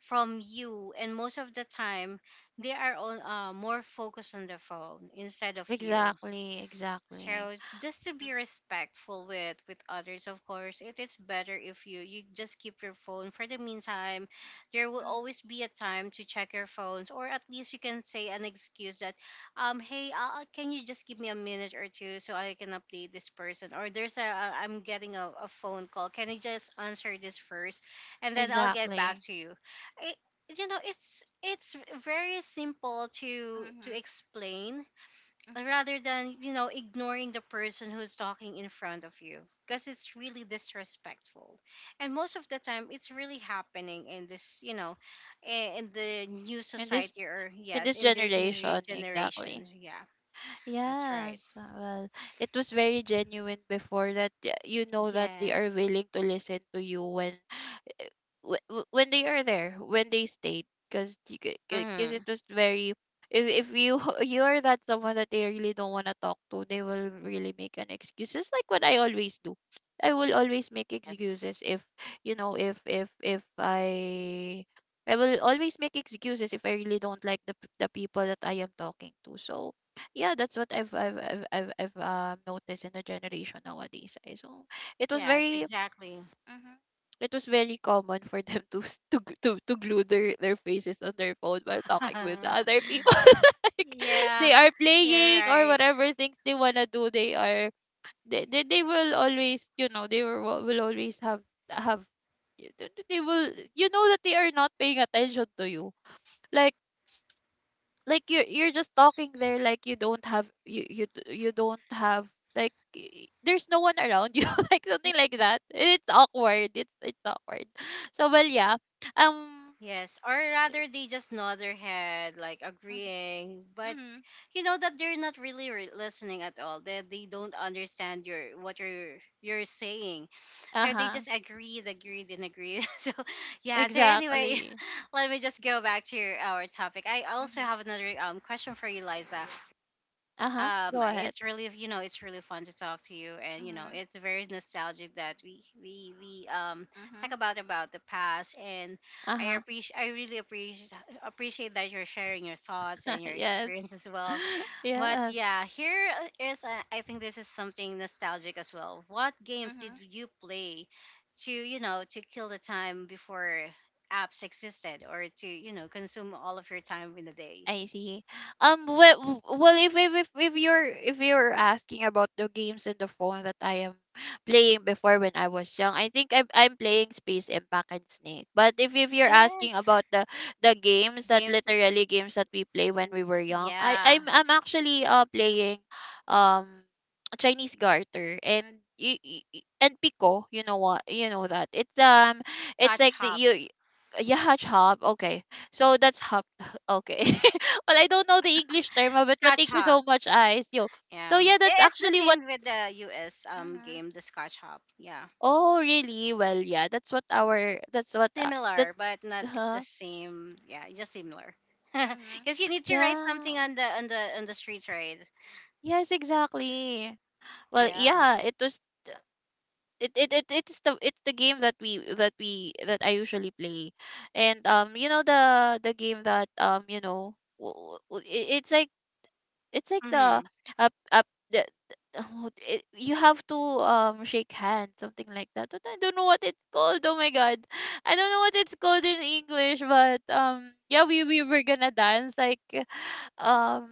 from you, and most of the time they are on uh, more focused on the phone instead of you. Exactly. Exactly. So just to be respectful with with others, of course, it is better if you you just keep your phone for the meantime. There will Mhm. always be a time to check your phones, or at least you can say an excuse that, um, hey, uh, uh, can you just give me a minute or two so I can update this person? Or there's a a- I'm getting a, a phone call. Can you just answer this first, and then I'll get back Exactly. to you. It, you know, it's it's very simple to to Mm-hmm. explain rather than you know ignoring the person who's talking in front of you, because it's really disrespectful, and most of the time it's really happening in this you know i- in the new And this society, or In yes, this in this new re- generation, generation, exactly. yeah, that's right. Yes, well, it was very genuine before, that, y- you know that they are Yes. willing to listen to you when, wh- wh- when they are there, when they stayed, because because Mm-hmm. it was very. If, if you you are that someone that they really don't want to talk to, they will really make an excuse. Just like what I always do, I will always make Yes, excuses if, you know if if if I I will always make excuses if I really don't like the p- the people that I am talking to. So, yeah, that's what I've I've I've I've, I've um, noticed in the generation nowadays. eh. So it was yes, very. exactly. Mm-hmm. It was very common for them to s- to g- to, to glue their, their faces on their phone while talking with the other people. Like, they Yeah, are you're playing or right. whatever things they wanna do. They are they, they, they will always, you know they will will always have have they will, you know that they are not paying attention to you. Like, like you're you're just talking there, like, you don't have you you d- you don't have, like, y- there's no one around you, like something like that. It's awkward, it's it's awkward. So, well, yeah, um Yes, or rather they just nod their head, like mhm, agreeing, but mhm. you know that they're not really re- listening at all. they, they don't understand your what you're you're saying, so they Uh-huh. just agreed, agreed, and agreed. So yeah, so anyway, Exactly. let me just go back to your, our topic. I also Mm-hmm. have another um, question for you, Liza. Uh-huh, um go I- ahead. it's really you know it's really fun to talk to you, and you know Mm-hmm, it's very nostalgic that we we we um talk mm-hmm. about about the past, and I Uh-huh. appreciate, I really appreciate appreciate that you're sharing your thoughts and your Yes. experience as well. But Yes. yeah, here uh, is a, I think this is something nostalgic as well. What games did Mm-hmm. you play to, you know, to kill the time before apps existed, or to, you know, consume all of your time in the day? I see. Um. Well, well, if if if if you're if you're asking about the games in the phone that I am playing before when I was young, I think I'm I'm playing Space Impact and Snake. But if if you're asking Yes. about the the games that Games, literally games that we play when we were young, I I'm yeah. I'm actually uh playing, um, Chinese Garter. And y- y- y- And Pico. You know what? You know that it's, um, it's Scotch like the Hop. you, yeah, chop. Okay, so that's hop. Okay. Well, I don't know the English term of it, but Scotch thank you Hop. so much, Ice. Yo. So Yeah. yeah, that's I- it's the actually what. same with the U S um Mhm. game, the Scotch Hop. Yeah. Oh, really? Well, yeah, that's what our. That's what. Uh, that. Similar, but not the Huh. same. Yeah, just similar. Hmm. Because you need to write Yeah. something on the on the on the street, right? Yes, exactly. Well, Yeah. yeah, it was. It, it, it it's the it's the game that we that we that I usually play, and um you know the the game that, um you know w- it- it's like it's like the, Mm-hmm. up up the, the oh, it, you have to, um shake hands, something like that, but I don't know what it's called. Oh my god, I don't know what it's called in English, but um yeah, we, we were gonna dance, like, um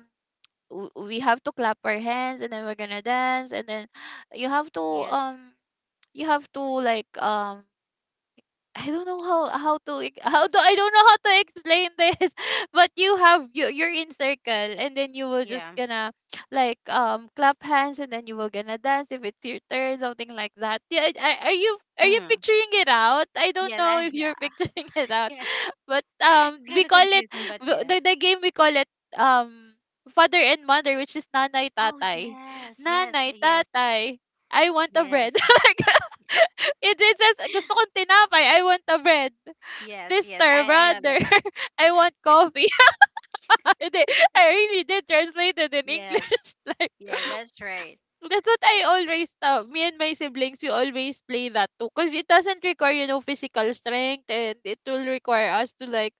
w- we have to clap our hands, and then we're gonna dance, and then you have to Yes. um you have to, like, um I don't know how how to ex- how to I don't know how to explain this. But you have you you're in circle, and then you will just Yeah. gonna, like, um clap hands, and then you will gonna dance if it's your turn, something like that. Yeah. I- I- are you are you Mm. picturing it out? I don't Yeah. know That, if yeah. you're picturing it out. Yeah. But um It's we kind of call it, confusing, but w- yeah. the, the game we call it, um father and mother, which is nanay Oh tatay. yes, yes, Nanay yes, tatay, I want a bread. yes, Like, it, it says gusto kong tinapay, I want a bread. yes, yes. Sister, I I know brother, that. I want coffee. Hindi, I really did translate it in Yes, English. yes. That's right. That's what I always, uh, me and my siblings, we always play that too, because it doesn't require, you know physical strength, and it will require us to, like,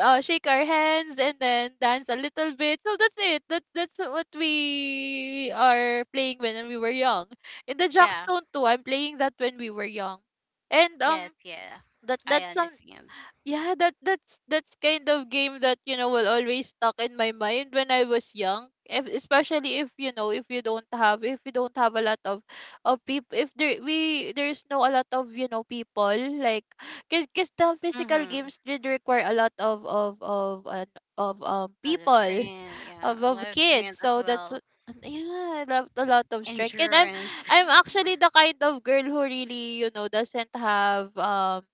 uh, shake our hands, and then dance a little bit. So that's it. That that's what we are playing when we were young. In the Yeah. Jackstone too, I'm playing that when we were young, and Yes. um Yeah. that I that's some. understand. Yeah, that that's that's kind of game that, you know will always stuck in my mind when I was young. If, especially, if, you know if you don't have if you don't have a lot of of people. If there we there's no a lot of, you know people, like, cause, cause the physical Mm-hmm. games did require a lot of of of uh, of um A lot of people strength. of Yeah. A of lot of kids. strength as So that's well. what yeah, I love a lot of strength. And I'm Endurance. I'm actually the kind of girl who really, you know doesn't have, um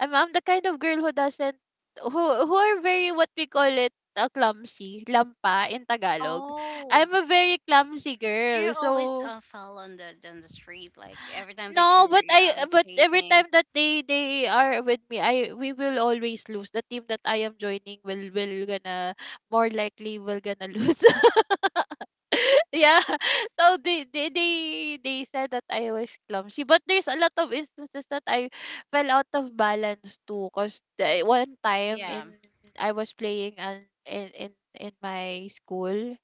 I'm I'm the kind of girl who doesn't, who who are very, what we call it, uh, clumsy, lampa in Tagalog. Oh, I'm a very clumsy so girl. you're always So uh, fall on the on the street, like every time that no, but you're I um but every time chasing. that they they are with me, I we will always lose. The team that I am joining will will gonna more likely will gonna lose. Yeah. So they, they they they said that I was clumsy, but there's a lot of instances that I fell out of balance too, because one time Yeah. in I was playing an, in in in my school.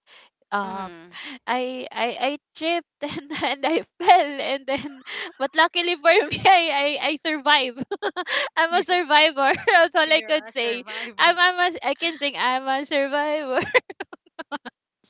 um Mm-hmm. i i i tripped and and I fell, and then, but luckily for me, i i, I survived. I'm a Yes. survivor. That's all I could You're a say. I'm, survivor. I'm a, I I am asi can sing I'm a survivor.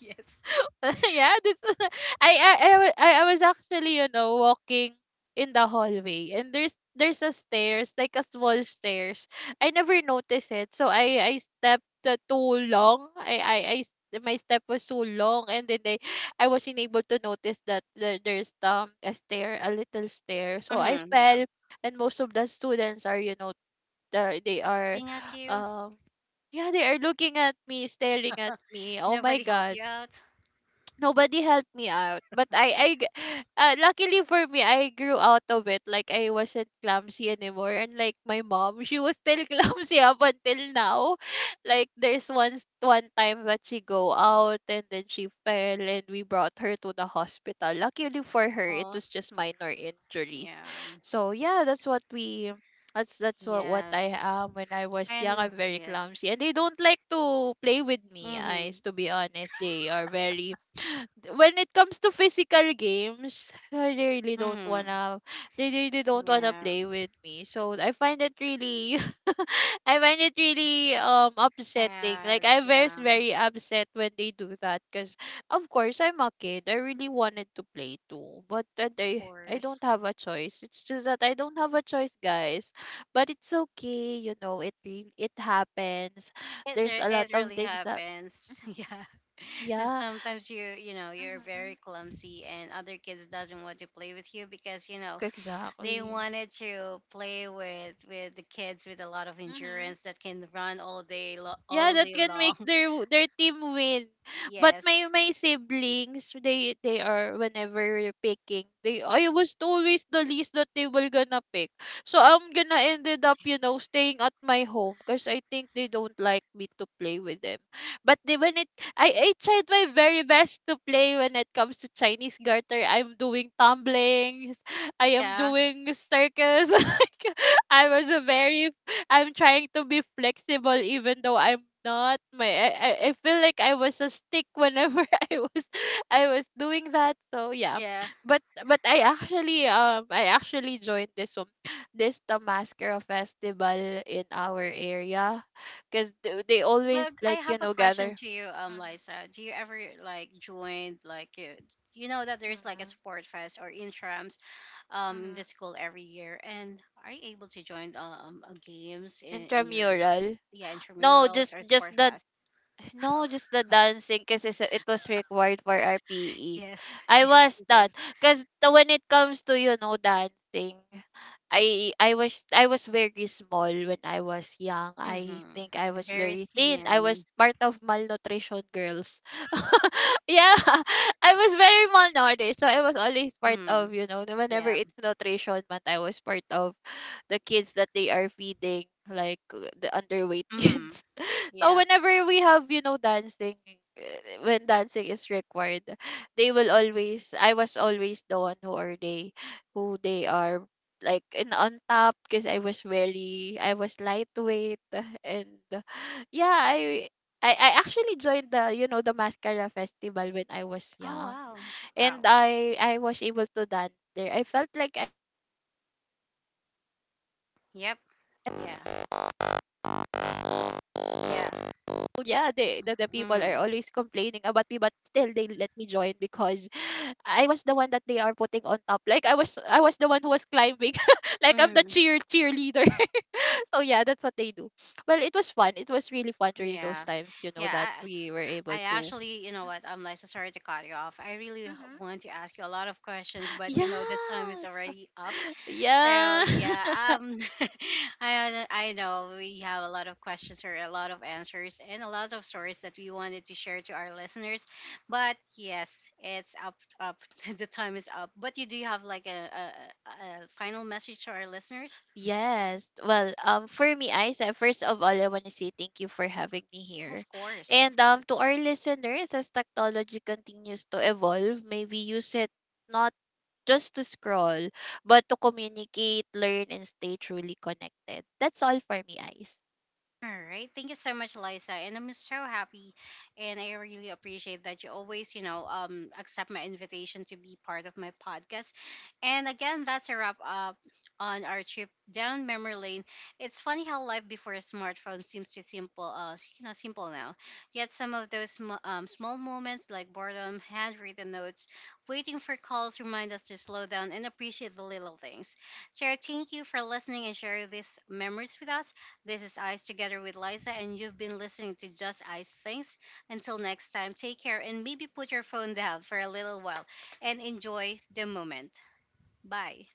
Yes. Yeah, that's I, I I wa- I I was actually, you know, walking in the hallway, and there's there's a stairs, like a small stairs. I never noticed it. So I I stepped, uh, too long. I I I s- my step was too long, and then I I wasn't able to notice that the- there's, um a stair, a little stair. So I Mm-hmm, yeah. fell, and most of the students are, you know, they're- they are Being at you, um yeah, they are looking at me, staring at me. Oh my nobody help god, you out. nobody helped me out, but i i g- uh, luckily for me, I grew out of it. Like, I wasn't clumsy anymore, and like, my mom, she was still clumsy up until now. Like, there's once one time that she go out and then she fell, and we brought her to the hospital. Luckily for her, it Oh, was just minor yeah. injuries. So yeah, that's what we that's that's what, what I Yes. am when I was young. And I'm very yes. clumsy, and they don't like to play with me. Mm-hmm. Eyes, to be honest, they are very, when it comes to physical games, I really don't Mm-hmm. wanna, they really don't wanna Yeah. play with me. So I find it really I find it really um upsetting. Like, Sad. I was Yeah. very upset when they do that because of course I'm a kid. I really wanted to play too. But uh, Of I I course. don't have a choice. It's just that I don't have a choice, guys. But it's okay, you know, it re- it happens. It, There's re- a lot it of really things that. happens. Mhm. Yeah. And Yeah. sometimes you, you know, you're very Hmm. clumsy, and other kids doesn't want to play with you because, you know, they Exactly. wanted to play with with the kids with a lot of Mhm. endurance that can run all day lo- Yeah, all that day can make long. their w- their team win. But my Yes. my siblings, they they are whenever we're picking, they, I was always the least that they were gonna pick. So I'm gonna ended up, you know, staying at my home because I think they don't like me to play with them. But they when it I, I tried my very best to play when it comes to Chinese garter. I'm doing tumblings, I am Yeah. doing circles. Like, I was a very, I'm trying to be flexible even though I'm not. My I, I I feel like I was a stick whenever I was I was doing that. So yeah. Yeah. But but I actually um I actually joined this one this Tamaskara festival in our area because they, they But always, I like, you have a know, question gather. to you, um, Mm-hmm. Liza. Do you ever like join like you, you know that there's like a Mm-hmm. sport fest or intrams, um, in the Mm-hmm. school every year, and are you able to join um uh, games in, in your Intramural. yeah No, intramurals just or just sport the fest? No, just the dancing because it was required for R P E. Yes, I yes, was it that is. because when it comes to, you know, dancing, I I was I was very small when I was young. I think I Mm-hmm. was Very very thin. I was thin. part of malnutrition girls. Yeah, I was very malnourished, so I was always part Mm. of, you know, whenever Yeah. it's nutrition month, I was part of the kids that they are feeding, like uh, the underweight Mm-hmm. kids. So Yeah. whenever we have, you know, dancing, uh, when dancing is required, they will always. I was always the one who are they, who they are, like, in on top because I was very, I was lightweight, and uh, yeah, I. I, I actually joined, the you know, the mascara festival when I was Oh young, wow. and Wow. I I was able to dance there. I felt like I, Yep. Yeah. yeah, they, the the people are always complaining Yeah. about me, but still they let me Mm-hmm. join because I was the one that they are putting on top. Like, I was I was the one who was climbing. Like, I'm the cheer cheerleader. Mm-hmm. So yeah, that's what they do. Well, it was fun. It was really fun during those Yeah. times, you know, that Yeah. we were able I, I to. actually, you know what? I'm like, so sorry to cut you off. I really h- Mhm. want to ask you a lot of questions, but you know, the time is Yes. already up. So Yeah. yeah, um, I I know we have a lot of questions or a lot of answers and a lot of stories that we wanted to share to our listeners, but yes, it's up up the time is up. But you do have like a a, a a final message to our listeners? Yes. Well, um, for me, Isa, first of all, I want to say thank you for having me here. Of course, And of um, course. to our listeners, as technology continues to evolve, may we use it not just to scroll, but to communicate, learn, and stay truly connected. That's all for me, Isa. All right. Thank you so much, Liza. And I'm so happy, and I really appreciate that you always, you know, um accept my invitation to be part of my podcast. And again, that's a wrap up on our trip down memory lane. It's funny how life before a smartphone seems to simple, uh, you know, simple now. Yet some of those sm- um, small moments like boredom, handwritten notes, waiting for calls remind us to slow down and appreciate the little things. So thank you for listening and sharing these memories with us. This is Ice together with Liza, and you've been listening to Just Ice Things. Until next time, take care, and maybe put your phone down for a little while and enjoy the moment. Bye.